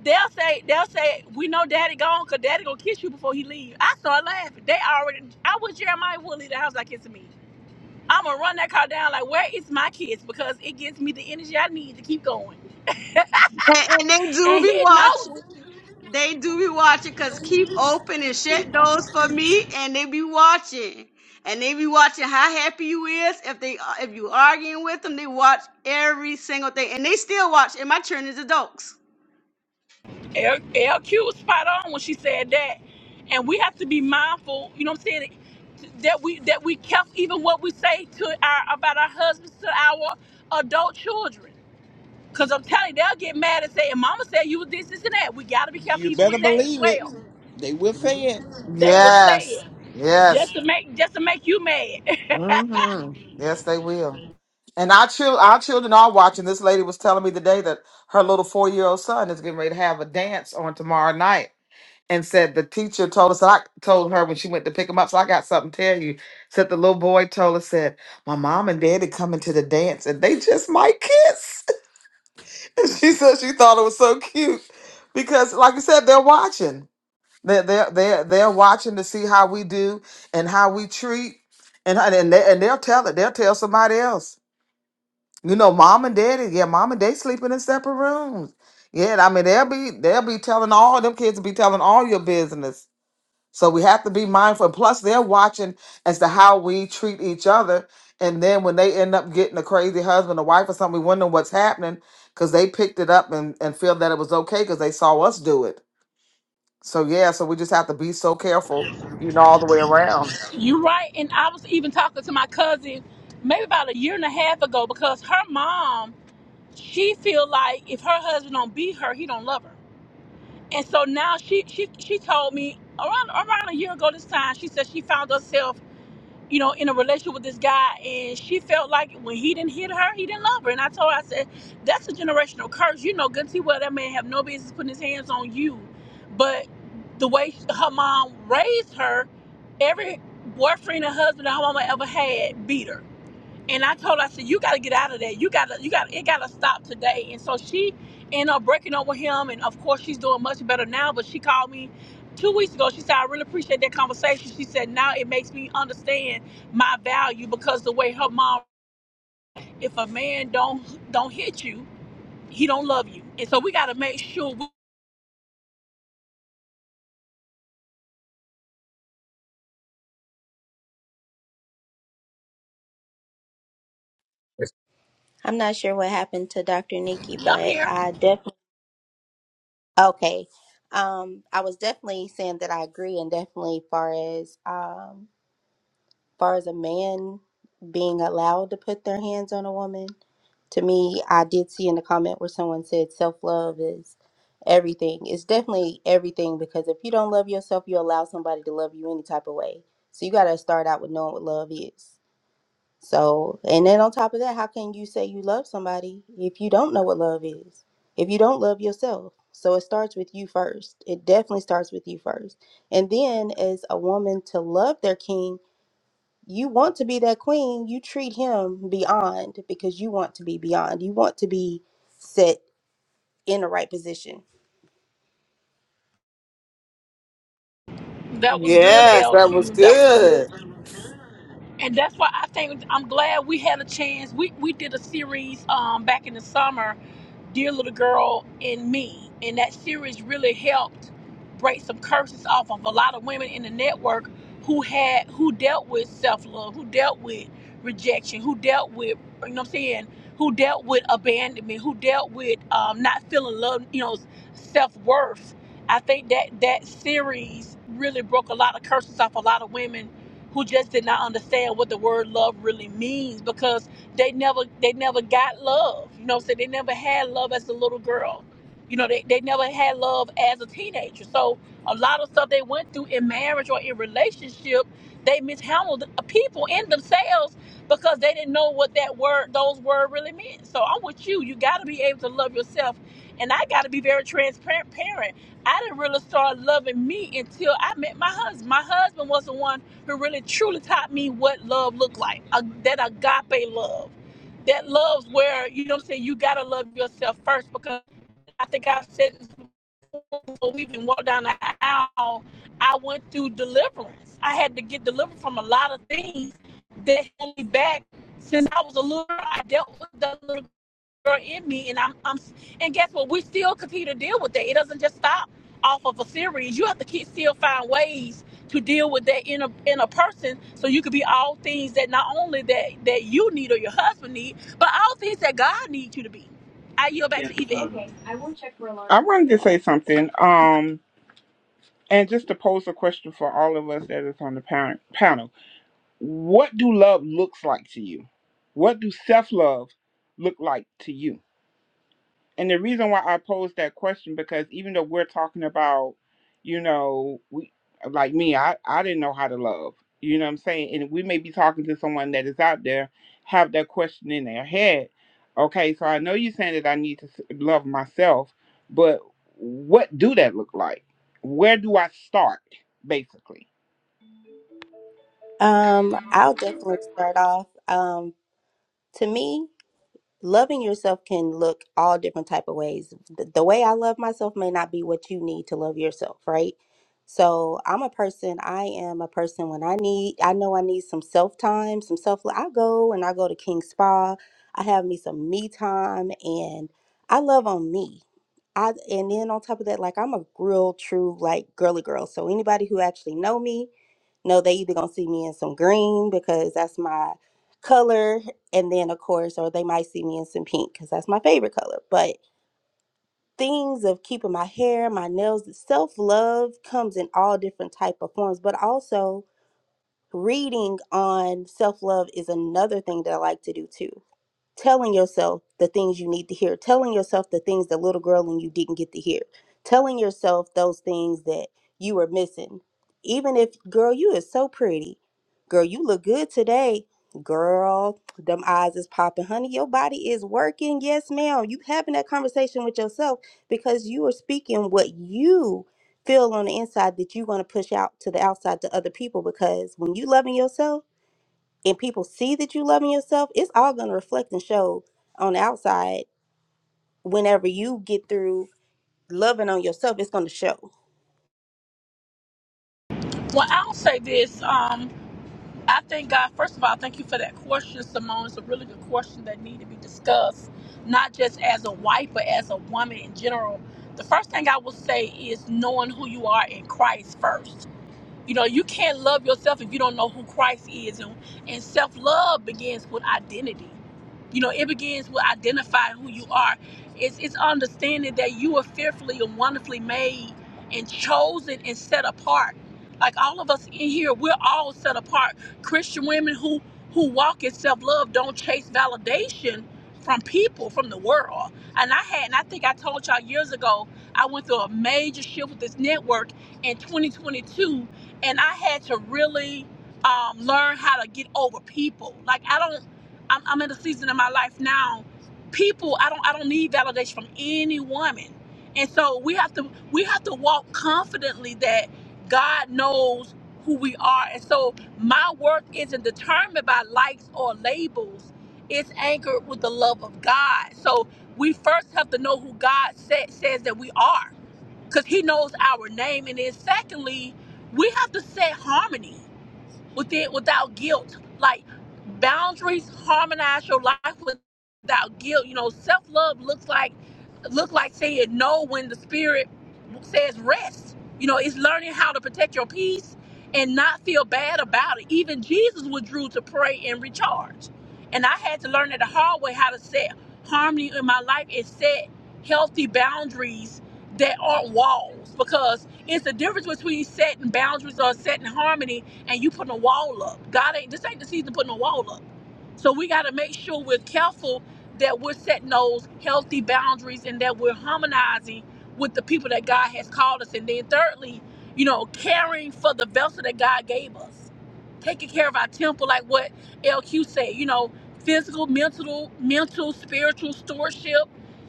they'll say they'll say we know Daddy gone because Daddy gonna kiss you before he leave. I start laughing. They already. I wish Jeremiah would leave the house like it's me. I'm gonna run that car down like where is my kids because it gives me the energy I need to keep going. And, and they do And be he knows. watching. it. They do be watching because keep open and shut doors for me, and they be watching. And they be watching how happy you is. If they if you arguing with them, they watch every single thing, and they still watch. And my turn is adults. L- LQ was spot on when she said that. And we have to be mindful, you know what I'm saying, that we that we kept even what we say to our about our husbands to our adult children. Cause I'm telling you, they'll get mad and say, and mama said you was this, this and that. We gotta be careful You even better with that as believe it. well. They will say it. They will say it Yes. just Yes. to make just to make you mad. hmm Yes, they will. And our chil- our children are watching. This lady was telling me today that her little four year old son is getting ready to have a dance on tomorrow night. And said the teacher told us I told her when she went to pick him up. So I got something to tell you. Said the little boy told us said, My mom and daddy coming to the dance and they just might kiss. and she said she thought it was so cute. Because like you said, they're watching. They're, they're, they're, they're watching to see how we do and how we treat. And, how- and, they, and they'll tell it. They'll tell somebody else. You know, mom and daddy, yeah, mom and they sleeping in separate rooms. Yeah, I mean, they'll be they'll be telling all them kids be telling all your business. So we have to be mindful. plus, they're watching as to how we treat each other. And then when they end up getting a crazy husband or wife or something, we wonder what's happening because they picked it up and, and feel that it was okay because they saw us do it. So yeah, so we just have to be so careful, you know, all the way around. you right. And I was even talking to my cousin maybe about a year and a half ago because her mom, she feel like if her husband don't beat her, he don't love her And so now she she she told me around around a year ago this time, she said she found herself, you know, in a relationship with this guy and she felt like when he didn't hit her, he didn't love her. And I told her, I said, That's a generational curse. You know, good and see well that man have no business putting his hands on you. But the way her mom raised her, every boyfriend and husband that her mama ever had beat her and I told her, I said, you gotta get out of that. You gotta, you gotta, it gotta stop today. And so she ended up breaking up with him. And of course, she's doing much better now. But she called me two weeks ago. She said, I really appreciate that conversation. She said, now it makes me understand my value because the way her mom, if a man don't don't hit you, he don't love you. And so we gotta make sure. We, I'm not sure what happened to Dr. Nikki, yeah, I'm but here. I definitely okay. Um, I was definitely saying that I agree, and definitely far as um, far as a man being allowed to put their hands on a woman, to me, I did see in the comment where someone said self love is everything. It's definitely everything because if you don't love yourself, you allow somebody to love you any type of way. So you got to start out with knowing what love is. So, and then on top of that, how can you say you love somebody if you don't know what love is? If you don't love yourself? So it starts with you first. It definitely starts with you first. And then, as a woman, to love their king you want to be that queen, you treat him beyond because you want to be beyond. You want to be set in the right position. That was good, Yes, that was LQ. That was good good. and that's why I think I'm glad we had a chance. We we did a series um back in the summer dear little girl in me. And that series really helped break some curses off of a lot of women in the network who had who dealt with self-love, who dealt with rejection, who dealt with you know what I'm saying, who dealt with abandonment, who dealt with um, not feeling love, you know, self-worth. I think that that series really broke a lot of curses off a lot of women who just did not understand what the word love really means because they never they never got love. You know what I'm saying? They never had love as a little girl. You know, they, they never had love as a teenager. So a lot of stuff they went through in marriage or in relationship, they mishandled people in themselves because they didn't know what that word those words really meant. So I'm with you. You gotta be able to love yourself. And I gotta be very transparent. I didn't really start loving me until I met my husband. My husband was the one who really truly taught me what love looked like uh, that agape love that love's where you know what i'm saying you gotta love yourself first because i think i've said this before we even walked down the aisle i went through deliverance i had to get delivered from a lot of things that held me back since i was a little girl i dealt with that little are in me and I'm, I'm and guess what we still continue to deal with that it doesn't just stop off of a series you have to keep still find ways to deal with that in a in a person so you could be all things that not only that that you need or your husband need but all things that god needs you to be i yield back to yvette Okay, I will check for alarm. I wanted to say something. Um, and just to pose a question for all of us that is on the pan- panel. What do love looks like to you? What do self love look like to you? and the reason why I posed that question because even though we're talking about, you know, we like me, I I didn't know how to love. You know what I'm saying? And we may be talking to someone that is out there have that question in their head. Okay, so I know you're saying that I need to s- love myself, but what do that look like? Where do I start, basically? Um, I'll definitely start off. Um, to me, loving yourself can look all different type of ways the, the way i love myself may not be what you need to love yourself right so i'm a person i am a person when i need i know i need some self time some self i go and i go to king spa i have me some me time and i love on me i and then on top of that like i'm a real true like girly girl so anybody who actually know me know they either gonna see me in some green because that's my color and then of course or they might see me in some pink because that's my favorite color but things of keeping my hair my nails self-love comes in all different type of forms but also reading on self-love is another thing that i like to do too telling yourself the things you need to hear, telling yourself the things that little girl in you didn't get to hear, telling yourself those things that you were missing. Even if, girl, you is so pretty. Girl, you look good today. Girl, them eyes is popping. Honey, your body is working. Yes, ma'am. You having that conversation with yourself because you are speaking what you feel on the inside that you want to push out to the outside to other people because when you loving yourself, and people see that you loving yourself, it's all going to reflect and show on the outside. Whenever you get through loving on yourself, it's going to show. well i'll say this Um, I thank God. First of all, thank you for that question, Simone. It's a really good question that need to be discussed, not just as a wife, but as a woman in general. The first thing I will say is knowing who you are in Christ first. You know, you can't love yourself if you don't know who Christ is. And, and self love begins with identity. You know, it begins with identifying who you are. It's, it's understanding that you are fearfully and wonderfully made and chosen and set apart. Like all of us in here, we're all set apart. Christian women who who walk in self love don't chase validation from people, from the world. And I had, and I think I told y'all years ago, I went through a major shift with this network in 2022 and I had to really um, learn how to get over people. Like I don't, I'm, I'm in a season in my life now. People, I don't, I don't need validation from any woman, and so we have to, we have to walk confidently that God knows who we are, and so my worth isn't determined by likes or labels. It's anchored with the love of God. So we first have to know who God sa- says that we are because he knows our name. And then secondly, we have to set harmony within without guilt. Like boundaries harmonize your life without guilt. You know, self love looks like look like saying no when the spirit says rest. You know, it's learning how to protect your peace and not feel bad about it. Even Jesus withdrew to pray and recharge. And I had to learn it the hard way how to set harmony in my life and set healthy boundaries that aren't walls because it's the difference between setting boundaries or setting harmony and you putting a wall up. God ain't this ain't the season putting a wall up. So we got to make sure we're careful that we're setting those healthy boundaries and that we're harmonizing with the people that God has called us. And then thirdly, you know, caring for the vessel that God gave us, taking care of our temple, like what LQ said. You know, physical, mental, mental, spiritual stewardship.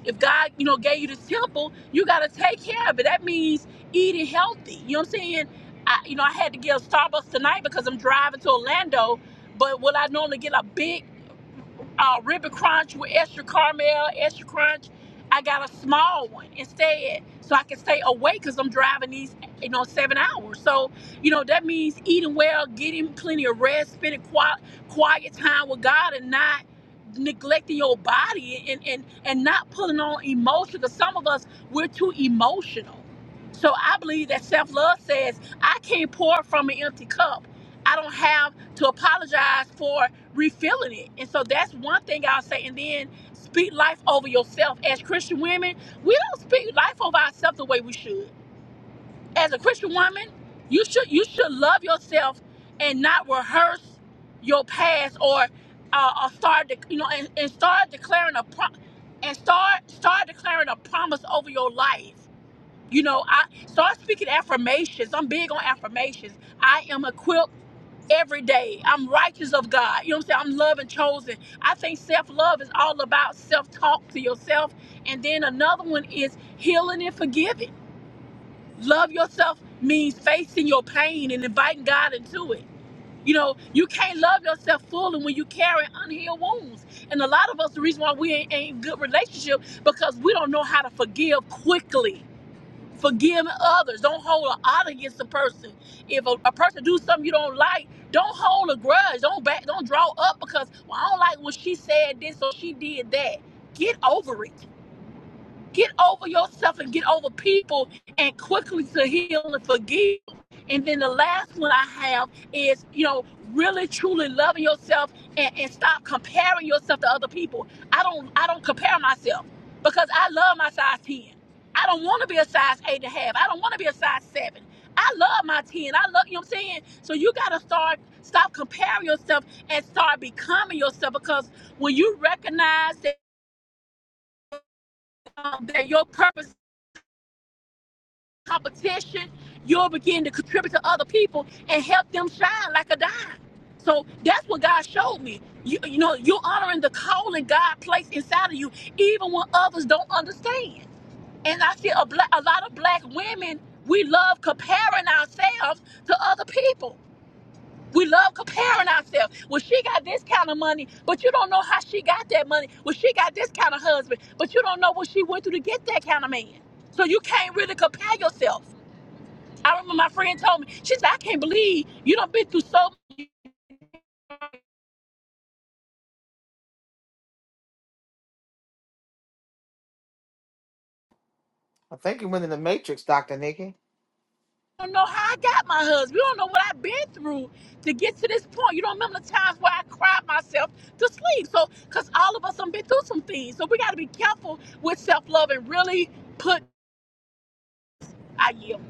If God, you know, gave you this temple, you got to take care of it. That means eating healthy. You know what I'm saying? I, you know, I had to give Starbucks tonight because I'm driving to Orlando. But will I normally get a big uh, ribbon crunch with extra caramel, extra crunch. I got a small one instead, so I can stay awake because I'm driving these, you know, seven hours. So, you know, that means eating well, getting plenty of rest, spending quiet, quiet time with God, and not neglecting your body and and and not pulling on emotion. Because some of us we're too emotional. So I believe that self love says I can't pour from an empty cup. I don't have to apologize for refilling it. And so that's one thing I'll say. And then speak life over yourself. As Christian women, we don't speak life over ourselves the way we should. As a Christian woman, you should you should love yourself and not rehearse your past or uh, or start dec- you know and, and start declaring a pro- and start start declaring a promise over your life. You know, I start speaking affirmations. I'm big on affirmations. I am equipped every day. I'm righteous of God. You know what I'm saying? I'm loved and chosen. I think self love is all about self talk to yourself. And then another one is healing and forgiving. Love yourself means facing your pain and inviting God into it. You know, you can't love yourself fully when you carry unhealed wounds. And a lot of us, the reason why we ain't, ain't good relationship because we don't know how to forgive quickly forgiving others. Don't hold a odd against a person. If a, a person do something you don't like, don't hold a grudge. Don't back. Don't draw up because well, I don't like what she said this or she did that. Get over it. Get over yourself and get over people and quickly to heal and forgive. And then the last one I have is, you know, really truly loving yourself and, and stop comparing yourself to other people. I don't I don't compare myself because I love my size 10. I don't want to be a size eight and a half. I don't want to be a size seven. I love my 10. I love, you know what I'm saying? So you got to start, stop comparing yourself and start becoming yourself because when you recognize that, um, that your purpose competition, you'll begin to contribute to other people and help them shine like a dime. So that's what God showed me. You, you know, you're honoring the calling God placed inside of you, even when others don't understand. And I see a, black, a lot of black women, we love comparing ourselves to other people. We love comparing ourselves. Well, she got this kind of money, but you don't know how she got that money. Well, she got this kind of husband, but you don't know what she went through to get that kind of man. So you can't really compare yourself. I remember my friend told me, she said, I can't believe you done been through so much. I think you went in the matrix, Dr. Nikki. You don't know how I got my husband. You don't know what I've been through to get to this point. You don't remember the times where I cried myself to sleep. So, because all of us have been through some things. So, we got to be careful with self love and really put, I yield.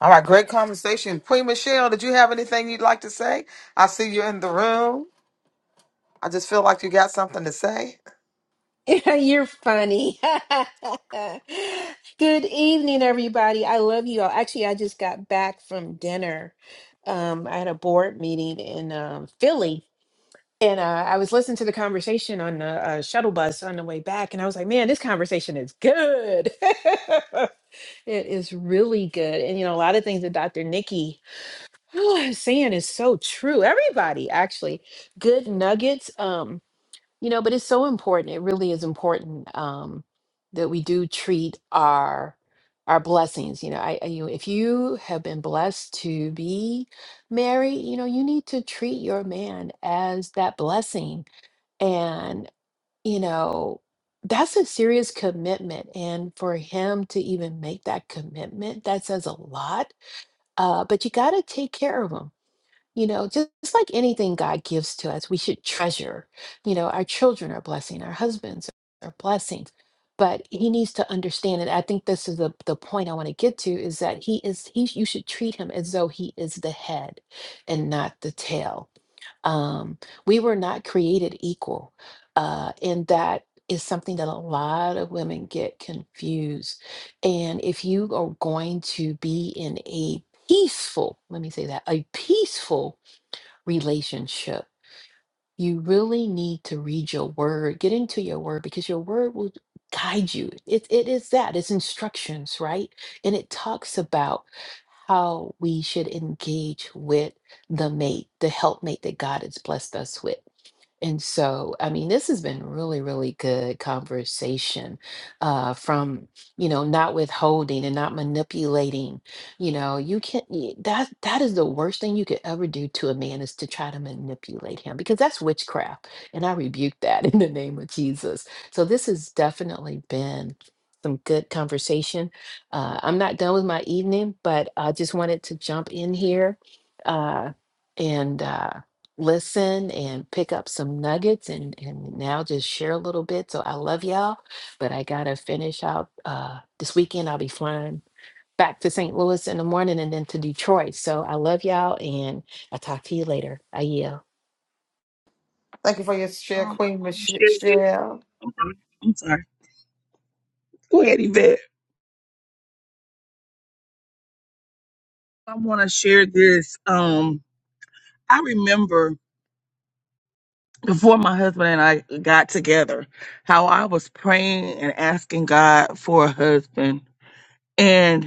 All right, great conversation. Queen Michelle, did you have anything you'd like to say? I see you in the room. I just feel like you got something to say. You're funny. Good evening, everybody. I love you all. Actually, I just got back from dinner. Um, I had a board meeting in um, Philly, and uh, I was listening to the conversation on the uh, shuttle bus on the way back, and I was like, man, this conversation is good. It is really good. And, you know, a lot of things that Dr. Nikki is saying is so true. Everybody, actually, good nuggets. Um, you know, but it's so important. It really is important um, that we do treat our our blessings. You know, I, I you if you have been blessed to be married, you know, you need to treat your man as that blessing, and you know that's a serious commitment. And for him to even make that commitment, that says a lot. Uh, but you got to take care of him you know, just, just like anything God gives to us, we should treasure. You know, our children are blessing, our husbands are blessings, but He needs to understand it. I think this is the the point I want to get to is that He is He. You should treat Him as though He is the head and not the tail. Um, we were not created equal, uh, and that is something that a lot of women get confused. And if you are going to be in a peaceful, let me say that, a peaceful relationship. You really need to read your word, get into your word, because your word will guide you. It, it is that, it's instructions, right? And it talks about how we should engage with the mate, the helpmate that God has blessed us with. And so, I mean, this has been really, really good conversation uh, from, you know, not withholding and not manipulating. You know, you can't, y- that, that is the worst thing you could ever do to a man is to try to manipulate him because that's witchcraft. And I rebuke that in the name of Jesus. So this has definitely been some good conversation. Uh, I'm not done with my evening, but I just wanted to jump in here. Uh, and, uh, listen and pick up some nuggets and and now just share a little bit so i love y'all but i gotta finish out uh this weekend i'll be flying back to st louis in the morning and then to detroit so i love y'all and i'll talk to you later i yield Thank you for your share, Um, I Queen want Mich- to share this. Michelle. I'm sorry. I'm sorry. Go ahead, Yvette. I want to share this. Um, I remember before my husband and I got together, how I was praying and asking God for a husband. and.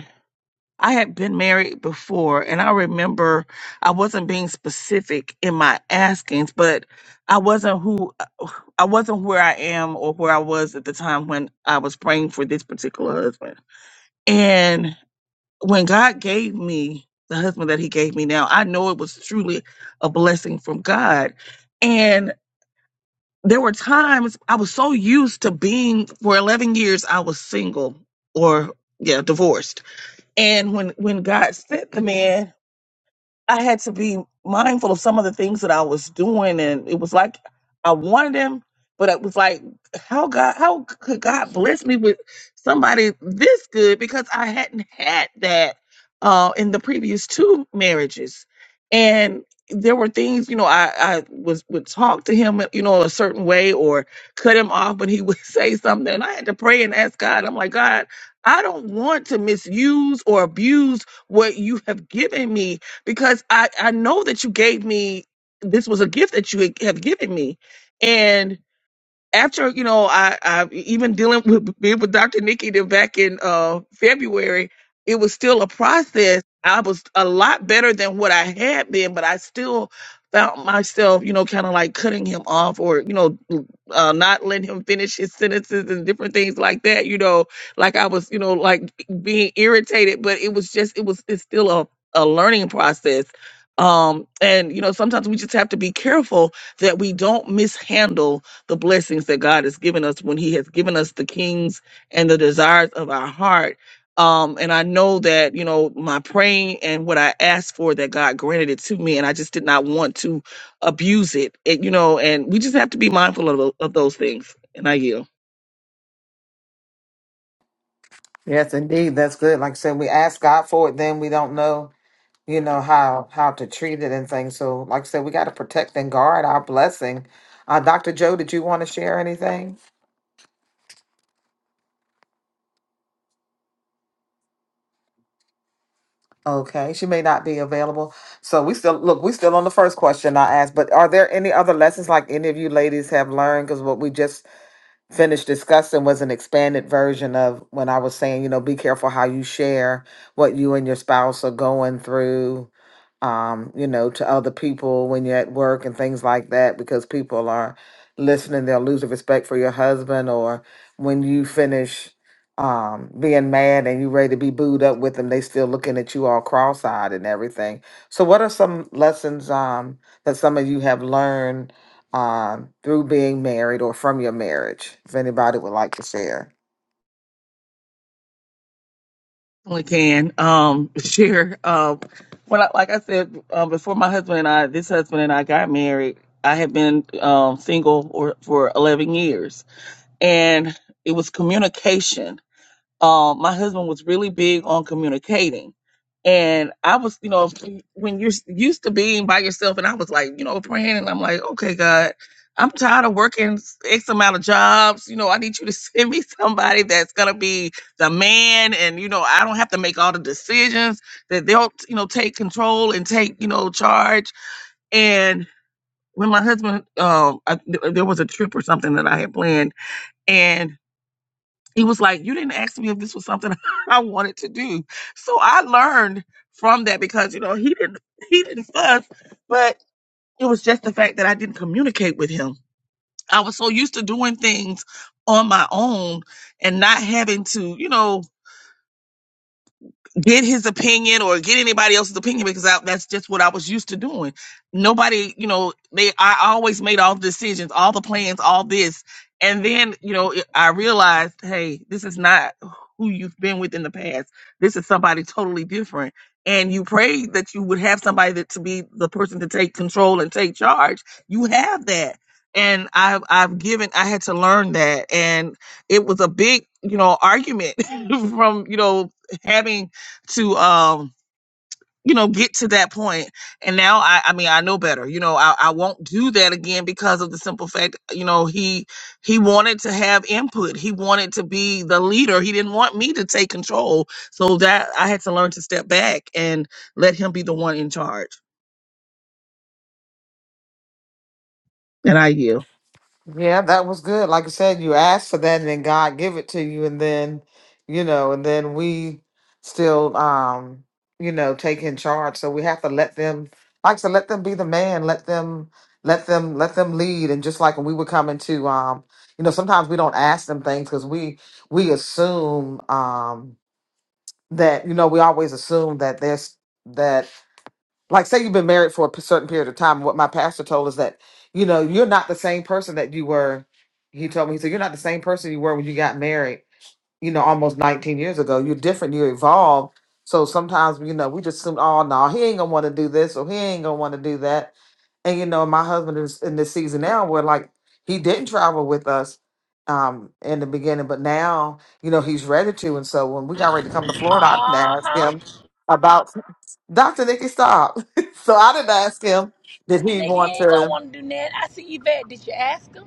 I had been married before, and I remember I wasn't being specific in my askings, but I wasn't who I wasn't where I am or where I was at the time when I was praying for this particular husband. And when God gave me the husband that He gave me now, I know it was truly a blessing from God. And there were times I was so used to being for 11 years, I was single or yeah, divorced. And when when God sent the man, I had to be mindful of some of the things that I was doing, and it was like I wanted him, but it was like how God, how could God bless me with somebody this good because I hadn't had that uh, in the previous two marriages, and there were things you know I I was would talk to him you know a certain way or cut him off when he would say something, and I had to pray and ask God. I'm like God. I don't want to misuse or abuse what you have given me because I, I know that you gave me this was a gift that you have given me. And after you know I, I even dealing with being with Dr. Nikki then back in uh, February, it was still a process. I was a lot better than what I had been, but I still found myself, you know, kind of like cutting him off or, you know, uh, not letting him finish his sentences and different things like that, you know, like I was, you know, like being irritated, but it was just, it was, it's still a, a learning process. Um, and, you know, sometimes we just have to be careful that we don't mishandle the blessings that God has given us when He has given us the kings and the desires of our heart. Um, and I know that, you know, my praying and what I asked for that God granted it to me, and I just did not want to abuse it, it you know, and we just have to be mindful of, tho- of those things. And I yield. Yes, indeed. That's good. Like I said, we ask God for it, then we don't know, you know, how how to treat it and things. So, like I said, we got to protect and guard our blessing. Uh, Dr. Joe, did you want to share anything? Okay, she may not be available. So we still look. We still on the first question I asked. But are there any other lessons like any of you ladies have learned? Because what we just finished discussing was an expanded version of when I was saying, you know, be careful how you share what you and your spouse are going through, um, you know, to other people when you're at work and things like that, because people are listening, they'll lose the respect for your husband or when you finish um being mad and you're ready to be booed up with them, they still looking at you all cross eyed and everything. So what are some lessons um that some of you have learned um, through being married or from your marriage, if anybody would like to share. Only can um, share. Um, when I, like I said, um, before my husband and I, this husband and I got married, I had been um, single or, for 11 years. And it was communication um, my husband was really big on communicating. And I was, you know, when you're s- used to being by yourself, and I was like, you know, praying, and I'm like, okay, God, I'm tired of working s- X amount of jobs. You know, I need you to send me somebody that's gonna be the man, and you know, I don't have to make all the decisions. That they'll, you know, take control and take, you know, charge. And when my husband, um, I, th- there was a trip or something that I had planned, and he was like, You didn't ask me if this was something I wanted to do. So I learned from that because, you know, he didn't he didn't fuss, but it was just the fact that I didn't communicate with him. I was so used to doing things on my own and not having to, you know, get his opinion or get anybody else's opinion because I, that's just what I was used to doing. Nobody, you know, they I always made all the decisions, all the plans, all this, and then you know it- I realized, hey, this is not who you've been with in the past. This is somebody totally different. And you prayed that you would have somebody that to be the person to take control and take charge. You have that. And I've I've given I had to learn that. And it was a big, you know, argument from, you know, having to um you know get to that point and now i i mean i know better you know I, I won't do that again because of the simple fact you know he he wanted to have input he wanted to be the leader he didn't want me to take control so that i had to learn to step back and let him be the one in charge and i yield Yeah, that was good. Like I said, you asked for that and then God give it to you and then, you know, and then we still um, you know, take in charge. So we have to let them like I said, let them be the man, let them let them let them lead and just like when we were coming to um, you know, sometimes we don't ask them things because we we assume um that, you know, we always assume that there's that like say you've been married for a p- certain period of time what my pastor told us that you know you're not the same person that you were he told me he said you're not the same person you were when you got married you know almost 19 years ago you're different you evolved so sometimes you know we just assume oh no he ain't gonna want to do this or he ain't gonna want to do that and you know my husband is in this season now where like he didn't travel with us um in the beginning but now you know he's ready to and so when we got ready to come to Uh florida i didn't ask huh. him about Dr. Nikki stop. so I didn't ask him did he Nigga, he want ain't gonna to wanna do that. I see Yvette. Did you ask him?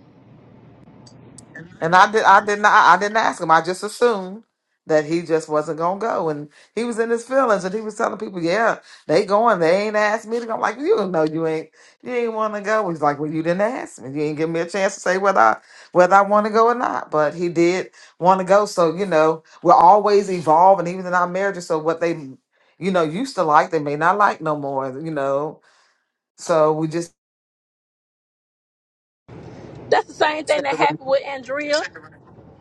and I did I did not I didn't ask him. I just assumed that he just wasn't gonna go and he was in his feelings and he was telling people, Yeah, they going, they ain't asked me to go. I'm like, you know you ain't you ain't wanna go. He's like, Well you didn't ask me. You ain't give me a chance to say whether I whether I wanna go or not. But he did wanna go. So, you know, we're always evolving even in our marriages. So what they you know, used to like, they may not like no more, you know. So we just That's the same thing that happened with Andrea.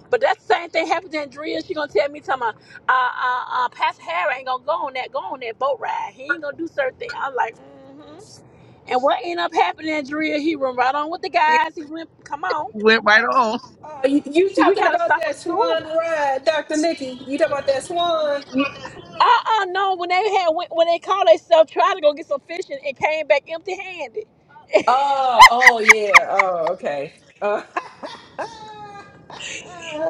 But that same thing happened to Andrea. She gonna tell me, tell my, uh, uh, uh, Pastor Harry ain't gonna go on that, go on that boat ride. He ain't gonna do certain things. I'm like, mm-hmm. And what ended up happening, Andrea? He went right on with the guys. He went, come on. went right on Oh, you, you See, we talking gotta about stop that swan assuming. ride, Dr. Nikki? You talking about that swan? Uh, uh no. When they had, when, when they called themselves, tried to go get some fishing and and came back empty-handed. Oh, oh yeah. Oh, okay. Uh,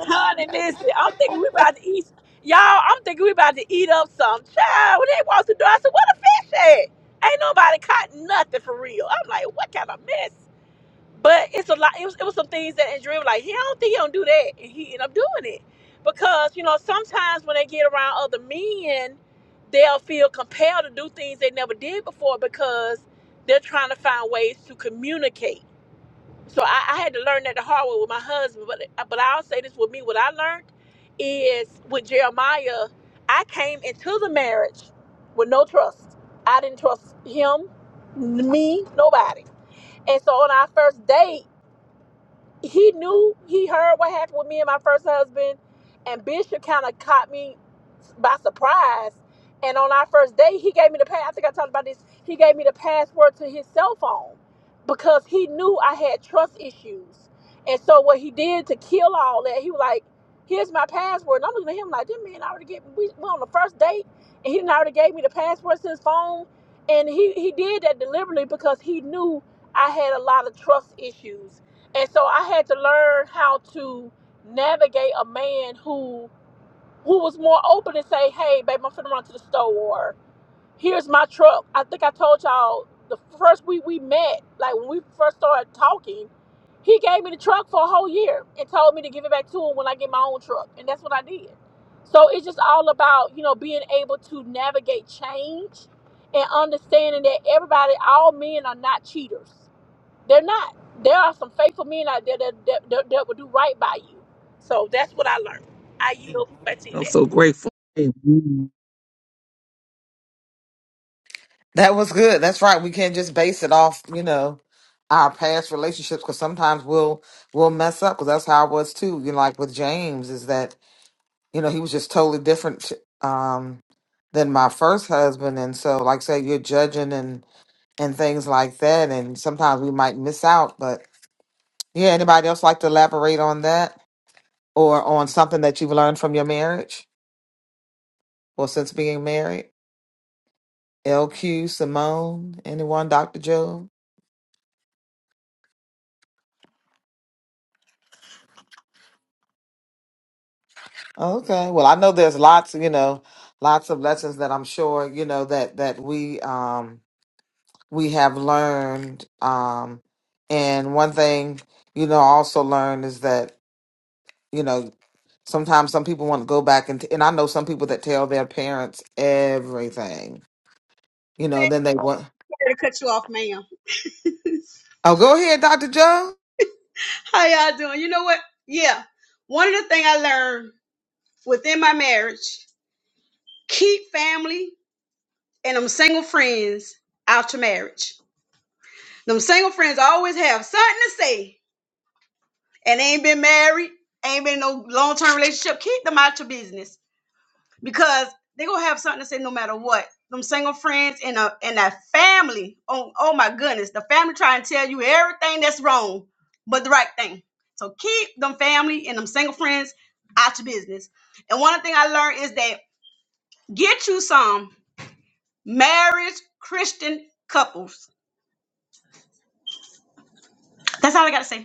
Honey, listen, I'm thinking we about to eat. Y'all, I'm thinking we about to eat up some. Child, when they walked the door, I said, what a fish at? Ain't nobody caught nothing for real. I'm like, what kind of mess? But it's a lot. It was, it was some things that Andrea was like, he I don't think he don't do that. And he ended up doing it. Because, you know, sometimes when they get around other men, they'll feel compelled to do things they never did before because they're trying to find ways to communicate so I, I had to learn that the hard way with my husband. But uh, but I'll say this with me: what I learned is with Jeremiah, I came into the marriage with no trust. I didn't trust him, n- me, nobody. And so on our first date he knew he heard what happened with me and my first husband and bishop kind of caught me by surprise and on our first date he gave me the pa- i think i talked about this he gave me the password to his cell phone because he knew i had trust issues and so what he did to kill all that he was like here's my password and i'm looking at him like this man already gave we we on the first date and he done already gave me the password to his phone and he, he did that deliberately because he knew i had a lot of trust issues and so I had to learn how to navigate a man who who was more open to say, "Hey, babe, I'm finna run to the store. Or, Here's my truck." I think I told y'all the first week we met, like when we first started talking, he gave me the truck for a whole year and told me to give it back to him when I get my own truck, and that's what I did. So it's just all about you know being able to navigate change and understanding that everybody, all men, are not cheaters they're not. There are some faithful men out there that, that, that, that will do right by you. So that's what I learned. I yield back to you i'm there. so grateful Amen. That was good. That's right. We can't just base it off, you know, our past relationships because sometimes we'll we'll mess up because that's how I was too. You know, like with James, is that you know he was just totally different um, than my first husband, and so like say you're judging and and things like that, and sometimes we might miss out. But yeah, anybody else like to elaborate on that or on something that you've learned from your marriage or since being married? LQ, Simone, anyone, Doctor Joe? Okay. Well, I know there's lots, you know, lots of lessons that I'm sure, you know, that that we um we have learned um and one thing, you know, I also learned is that, you know, sometimes some people want to go back and and I know some people that tell their parents everything. You know, Hey, I then they want had to cut you off, ma'am. Oh, go ahead, Dr. Joe. How y'all doing? You know what? Yeah. One of the things I learned within my marriage, keep family and them single friends after marriage. Them single friends always have something to say, and they ain't been married, ain't been in no long term relationship. Keep them out your business because they gonna have something to say no matter what. Them single friends and a and that family. Oh, oh my goodness, the family try and tell you everything that's wrong, but the right thing. So keep them family and them single friends out your business. And one thing I learned is that get you some marriage Christian couples. That's all I gotta say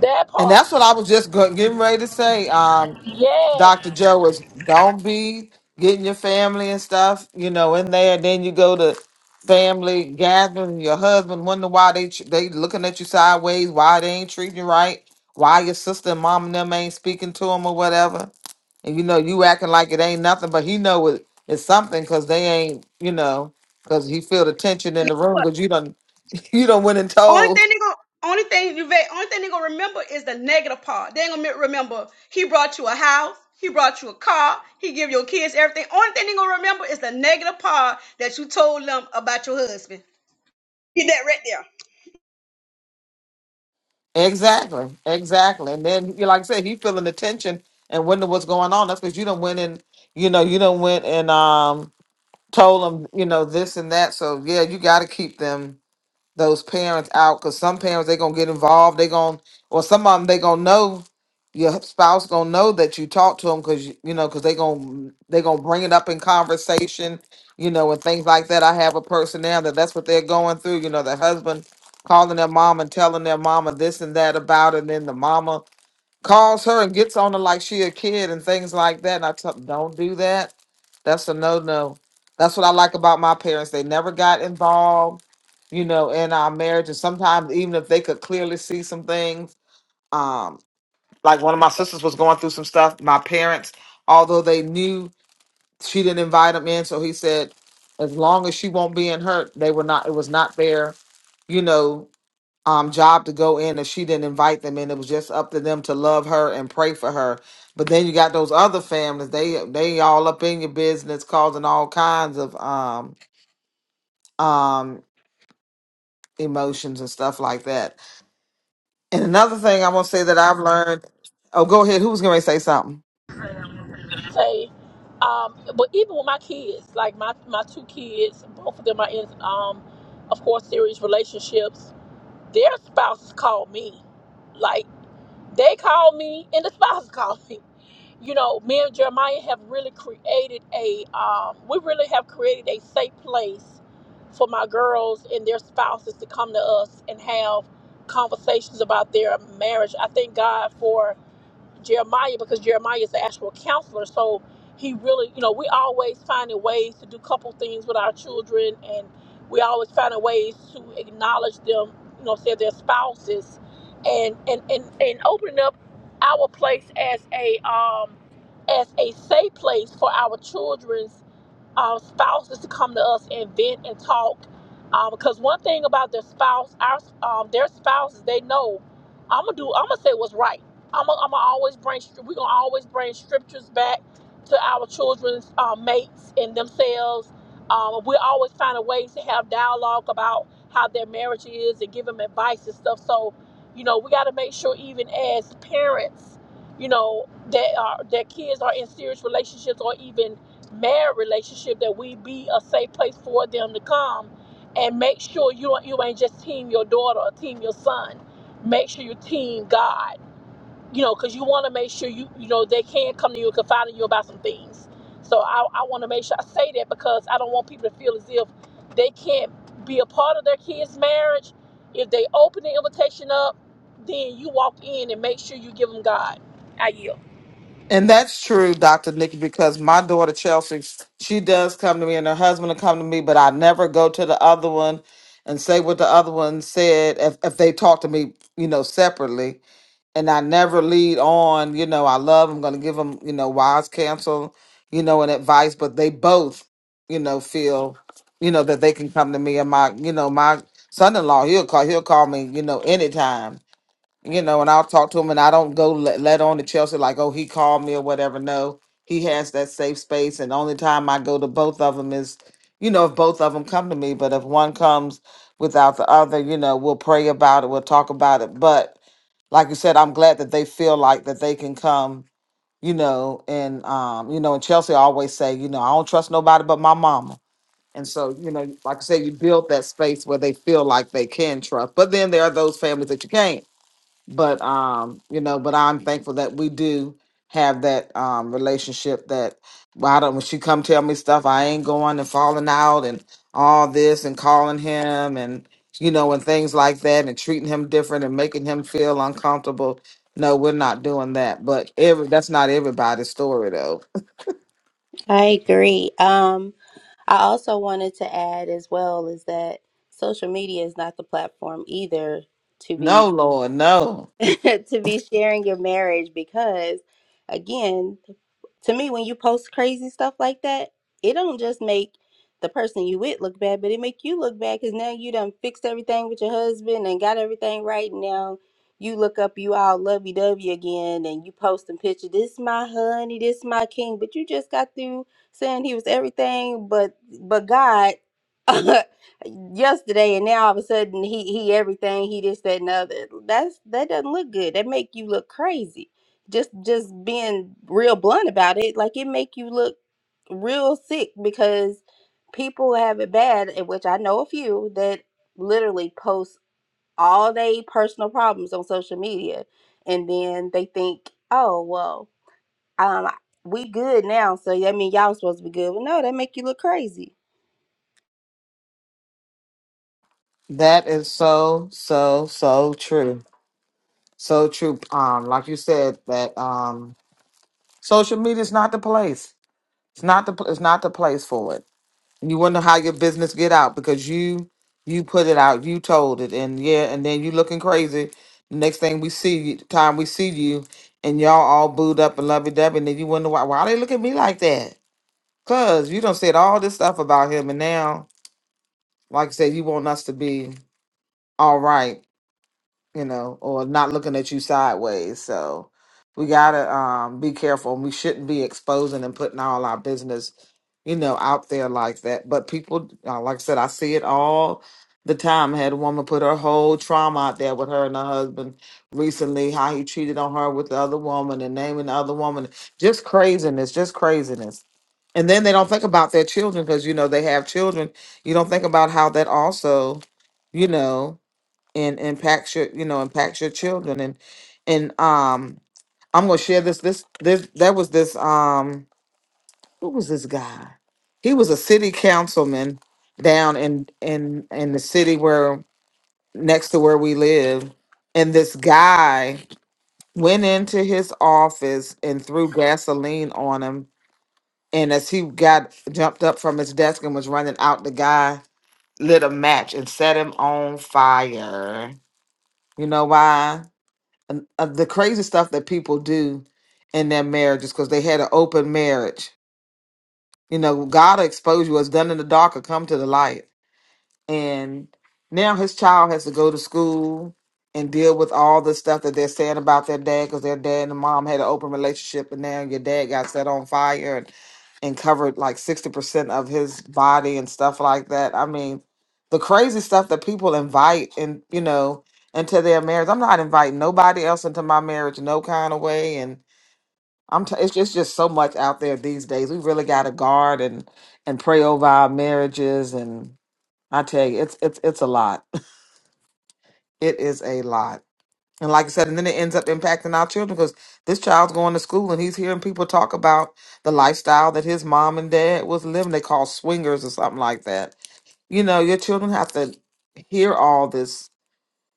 That And part. that's what I was just go- getting ready to say. um, Yes. Dr. Joe was don't be getting your family and stuff, you know, in there. Then you go to family gathering, your husband wonder why they tr- they looking at you sideways, why they ain't treating you right, why your sister and mom and them ain't speaking to him or whatever. And you know, you acting like it ain't nothing, but he know it, it's something because they ain't, you know, because he feel the tension in the room what? because you done you done went and Only told thing they gonna only thing you va- only thing they gonna remember is the negative part. They ain't gonna me- remember he brought you a house, he brought you a car, he give your kids everything. Only thing they gonna remember is the negative part that you told them about your husband. Get that right there. Exactly, exactly. And then, you like I said, if you feeling the tension and wondering what's going on. That's because you don't went and you know you don't went and um told them you know this and that. So yeah, you got to keep them those parents out because some parents they gonna get involved. They gonna or some of them they gonna know your spouse gonna know that you talk to them because you, you know because they gonna they gonna bring it up in conversation, you know, and things like that. I have a person now that that's what they're going through. You know, the husband calling their mom and telling their mama this and that about, it, and then the mama calls her and gets on her like she a kid and things like that. And I tell don't do that. That's a no no. That's what I like about my parents. They never got involved, you know, in our marriage. And sometimes even if they could clearly see some things, um, like one of my sisters was going through some stuff. My parents, although they knew she didn't invite him in, so he said, as long as she won't be in hurt, they were not. It was not there, you know um job to go in if she didn't invite them in. It was just up to them to love her and pray for her. But then you got those other families, they they all up in your business causing all kinds of um um emotions and stuff like that. And another thing I want to say that I've learned oh go ahead, who's gonna say something? Say, um, but even with my kids, like my, my two kids, both of them are in, um, of course, serious relationships. Their spouses call me. like. They called me and the spouse called me. You know, me and Jeremiah have really created a, um, we really have created a safe place for my girls and their spouses to come to us and have conversations about their marriage. I thank God for Jeremiah because Jeremiah is the actual counselor. So he really, you know, we always finding ways to do couple things with our children, and we always finding ways to acknowledge them, you know, say their spouses, and and and and opening up our place as a um as a safe place for our children our spouses to come to us and vent and talk. Um, because one thing about their spouse, our um, their spouses, they know I'm gonna do. I'm gonna say what's right. I'm gonna, I'm gonna always bring. We're gonna always bring scriptures back to our children's uh, mates and themselves. Um, we always find a way to have dialogue about how their marriage is and give them advice and stuff. So, you know, we got to make sure even as parents, you know, that our, their kids are in serious relationships or even married relationship that we be a safe place for them to come and make sure you don't you ain't just team your daughter or team your son. Make sure you team God. You know, because you want to make sure you you know they can come to you and confide in you about some things. So I, I want to make sure I say that because I don't want people to feel as if they can't be a part of their kids' marriage. If they open the invitation up, then you walk in and make sure you give them God. I yield. And that's true, Dr. Nikki, because my daughter Chelsea, she does come to me and her husband will come to me, but I never go to the other one and say what the other one said if, if they talk to me, you know, separately and I never lead on, you know, I love, I'm going to give them, you know, wise counsel, you know, and advice, but they both, you know, feel, you know, that they can come to me and my, you know, my son-in-law, he'll call, he'll call me, you know, anytime, you know, and I'll talk to him and I don't go let, let on to Chelsea like, oh, he called me or whatever. No, he has that safe space. And the only time I go to both of them is, you know, if both of them come to me, but if one comes without the other, you know, we'll pray about it. We'll talk about it. But like you said, I'm glad that they feel like that they can come, you know, and um, you know, and Chelsea always say, you know, I don't trust nobody but my mama. And so, you know, like I said, you build that space where they feel like they can trust. But then there are those families that you can't but um you know but i'm thankful that we do have that um relationship that well, I don't when she come tell me stuff i ain't going and falling out and all this and calling him and you know and things like that and treating him different and making him feel uncomfortable no we're not doing that but every that's not everybody's story though I agree. Um, I also wanted to add as well is that social media is not the platform either to be. no lord no to be sharing your marriage because again to me when you post crazy stuff like that it don't just make the person you with look bad but it make you look bad because now you done fixed everything with your husband and got everything right And now you look up you all lovey-dovey again and you posting picture this my honey this my king but you just got through saying he was everything but but god yesterday and now all of a sudden he he everything he this that and the other that's that doesn't look good that make you look crazy just just being real blunt about it like it make you look real sick because people have it bad and which i know a few that literally post all they personal problems on social media and then they think oh well um we good now so I mean y'all supposed to be good well no that make you look crazy that is so so so true so true um like you said that um social media is not the place It's not the pl- it's not the place for it. And you wonder how your business get out because you you put it out, you told it, and yeah, and then you looking crazy. Next thing we see you, time we see you, and y'all all booed up and lovey dovey, and then you wonder why why they look at me like that? Cause you done said all this stuff about him, and now, like I said, you want us to be all right you know, or not looking at you sideways. So we gotta um, be careful. We shouldn't be exposing and putting all our business, you know, out there like that. But people, uh, like I said, I see it all the time. I had a woman put her whole trauma out there with her and her husband recently, how he cheated on her with the other woman and naming the other woman. Just craziness, just craziness. And then they don't think about their children because you know they have children. You don't think about how that also, you know and impacts your you know impacts your children and and um i'm gonna share this this this that was this um who was this guy he was a city councilman down in in in the city where next to where we live and this guy went into his office and threw gasoline on him and as he got jumped up from his desk and was running out the guy lit a match and set him on fire you know why and, uh, the crazy stuff that people do in their marriages because they had an open marriage. You know, God will expose you. What's done in the dark will come to the light and now his child has to go to school and deal with all the stuff that they're saying about their dad because their dad and the mom had an open relationship and now your dad got set on fire and, and covered like 60% of his body and stuff like that i mean the crazy stuff that people invite and you know into their marriage i'm not inviting nobody else into my marriage no kind of way and i'm t- it's, just, it's just so much out there these days we really got to guard and and pray over our marriages and. I tell you, it's it's it's a lot. It is a lot. And like I said, and then it ends up impacting our children because this child's going to school and he's hearing people talk about the lifestyle that his mom and dad was living. They call swingers or something like that. You know, your children have to hear all this,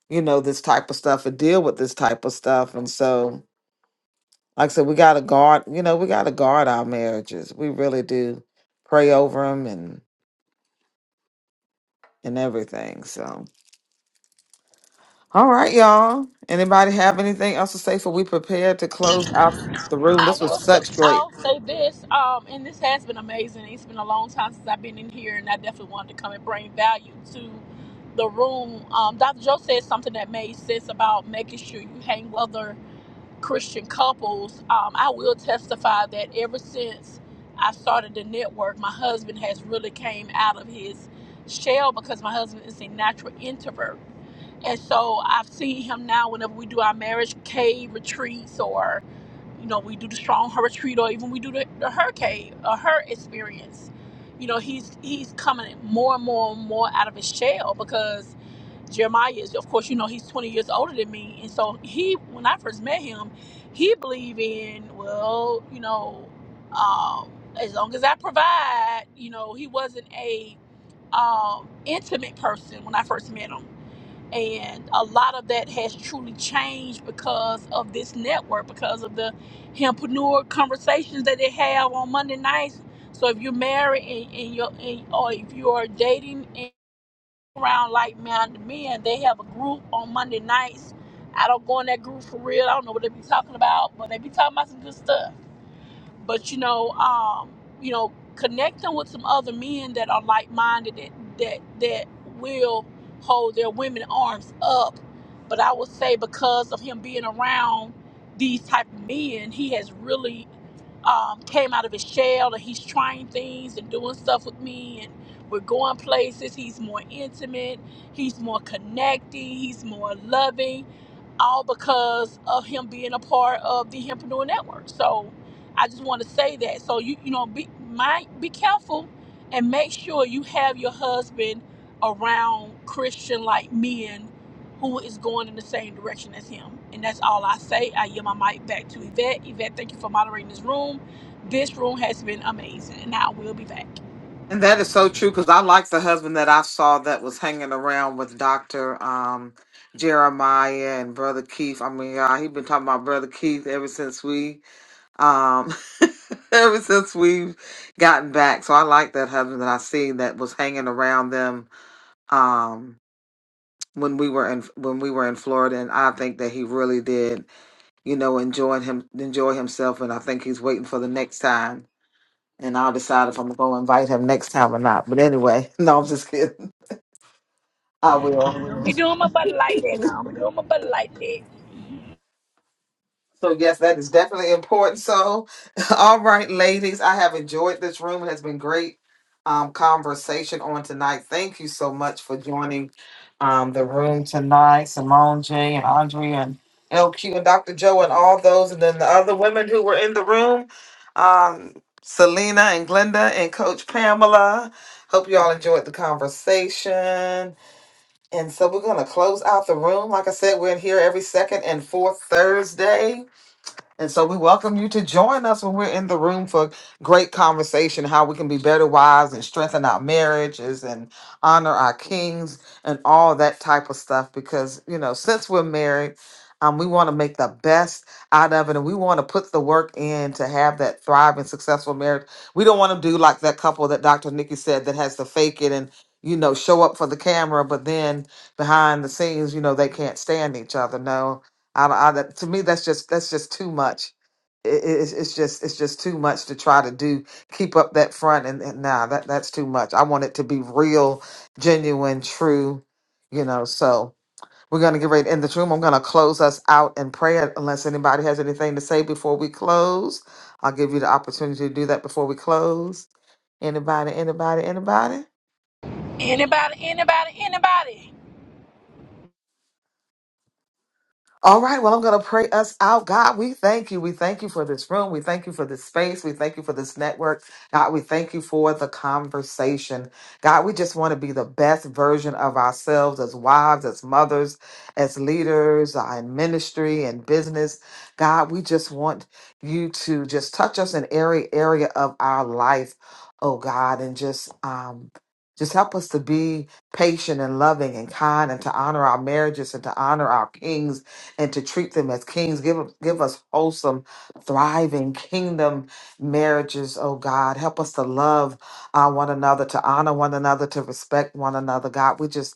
you know, this type of stuff and deal with this type of stuff. And so, like I said, we got to guard, you know, we got to guard our marriages. We really do pray over them and and everything. So. All right, y'all. Anybody have anything else to say for we prepared to close out the room? I This was will. such Say, great. I'll say this. Um, and this has been amazing. It's been a long time since I've been in here, and I definitely wanted to come and bring value to the room. Um, Dr. Joe said something that made sense about making sure you hang with other Christian couples. Um, I will testify that ever since I started the network, my husband has really came out of his shell because my husband is a natural introvert. And so I've seen him now whenever we do our marriage cave retreats or you know, we do the strong her retreat or even we do the, the hurricane or her experience. You know, he's he's coming more and more and more out of his shell because Jeremiah is of course, you know, he's twenty years older than me. And so he when I first met him, he believed in, well, you know, um, as long as I provide, you know, he wasn't a um intimate person when I first met him and a lot of that has truly changed because of this network because of the hempreneur conversations that they have on monday nights so if you're married and, and you're and, or if you are dating and around like minded men they have a group on monday nights i don't go in that group for real i don't know what they be talking about but they be talking about some good stuff but you know, um, you know, connect them with some other men that are like minded that that that will hold their women arms up. But I would say because of him being around these type of men, he has really um, came out of his shell and he's trying things and doing stuff with me and we're going places. He's more intimate. He's more connecting. He's more loving all because of him being a part of the Hempreneur Network. So I just want to say that. So you you know be mind be careful and make sure you have your husband around Christian like men who is going in the same direction as him. And that's all I say. I yield my mic back to Yvette. Yvette, thank you for moderating this room. This room has been amazing, and I will be back. And that is so true because I like the husband that I saw that was hanging around with Dr. Um, Jeremiah and Brother Keith. I mean, uh, he's been talking about Brother Keith ever since we um ever since we've gotten back. So I like that husband that I seen that was hanging around them um when we were in when we were in Florida and I think that he really did you know, enjoying him, enjoy himself. And I think he's waiting for the next time. And I'll decide if I'm going to invite him next time or not. But anyway, no, I'm just kidding. I will. You doing my butt like that now? I'm doing my butt like that. So yes, that is definitely important. So, all right, ladies, I have enjoyed this room. It has been great um, conversation on tonight. Thank you so much for joining um, the room tonight, Simone, Jay, and Andrea, and LQ, and Dr. Joe, and all those, and then the other women who were in the room, um, Selena and Glenda and Coach Pamela. Hope you all enjoyed the conversation. And so we're gonna close out the room. Like I said, we're in here every second and fourth Thursday. And so we welcome you to join us when we're in the room for great conversation, how we can be better wives and strengthen our marriages and honor our kings and all that type of stuff. Because, you know, since we're married, um, we want to make the best out of it and we want to put the work in to have that thriving, successful marriage. We don't want to do like that couple that Dr. Nikki said that has to fake it and, you know, show up for the camera, but then behind the scenes, you know, they can't stand each other. No, I, I that- to me that's just that's just too much. It, it- it's, it's just it's just too much to try to do keep up that front and, and nah that that's too much. I want it to be real, genuine, true, you know. So we're gonna get ready in the room. I'm gonna close us out in prayer unless anybody has anything to say before we close. I'll give you the opportunity to do that before we close. Anybody, anybody, anybody? Anybody? Anybody? Anybody? All right, well, I'm going to pray us out. God, we thank you. We thank you for this room. We thank you for this space. We thank you for this network. God, we thank you for the conversation. God, we just want to be the best version of ourselves as wives, as mothers, as leaders uh, in ministry and business. God, we just want you to just touch us in every area of our life, oh God, and just, um, just help us to be patient and loving and kind and to honor our marriages and to honor our kings and to treat them as kings. Give, give us wholesome, thriving kingdom marriages, oh God. Help us to love uh, one another, to honor one another, to respect one another, God. We just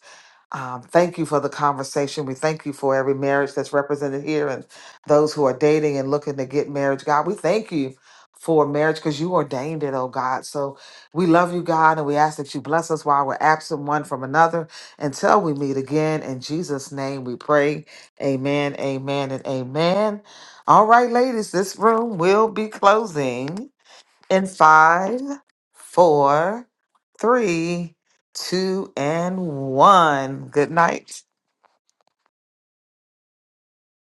um, thank you for the conversation. We thank you for every marriage that's represented here and those who are dating and looking to get marriage. God, we thank you for marriage because you ordained it, oh God. So we love you, God, and we ask that you bless us while we're absent one from another until we meet again. In Jesus' name we pray. Amen, amen, and amen. All right, ladies, this room will be closing in five, four, three, two, and one. Good night.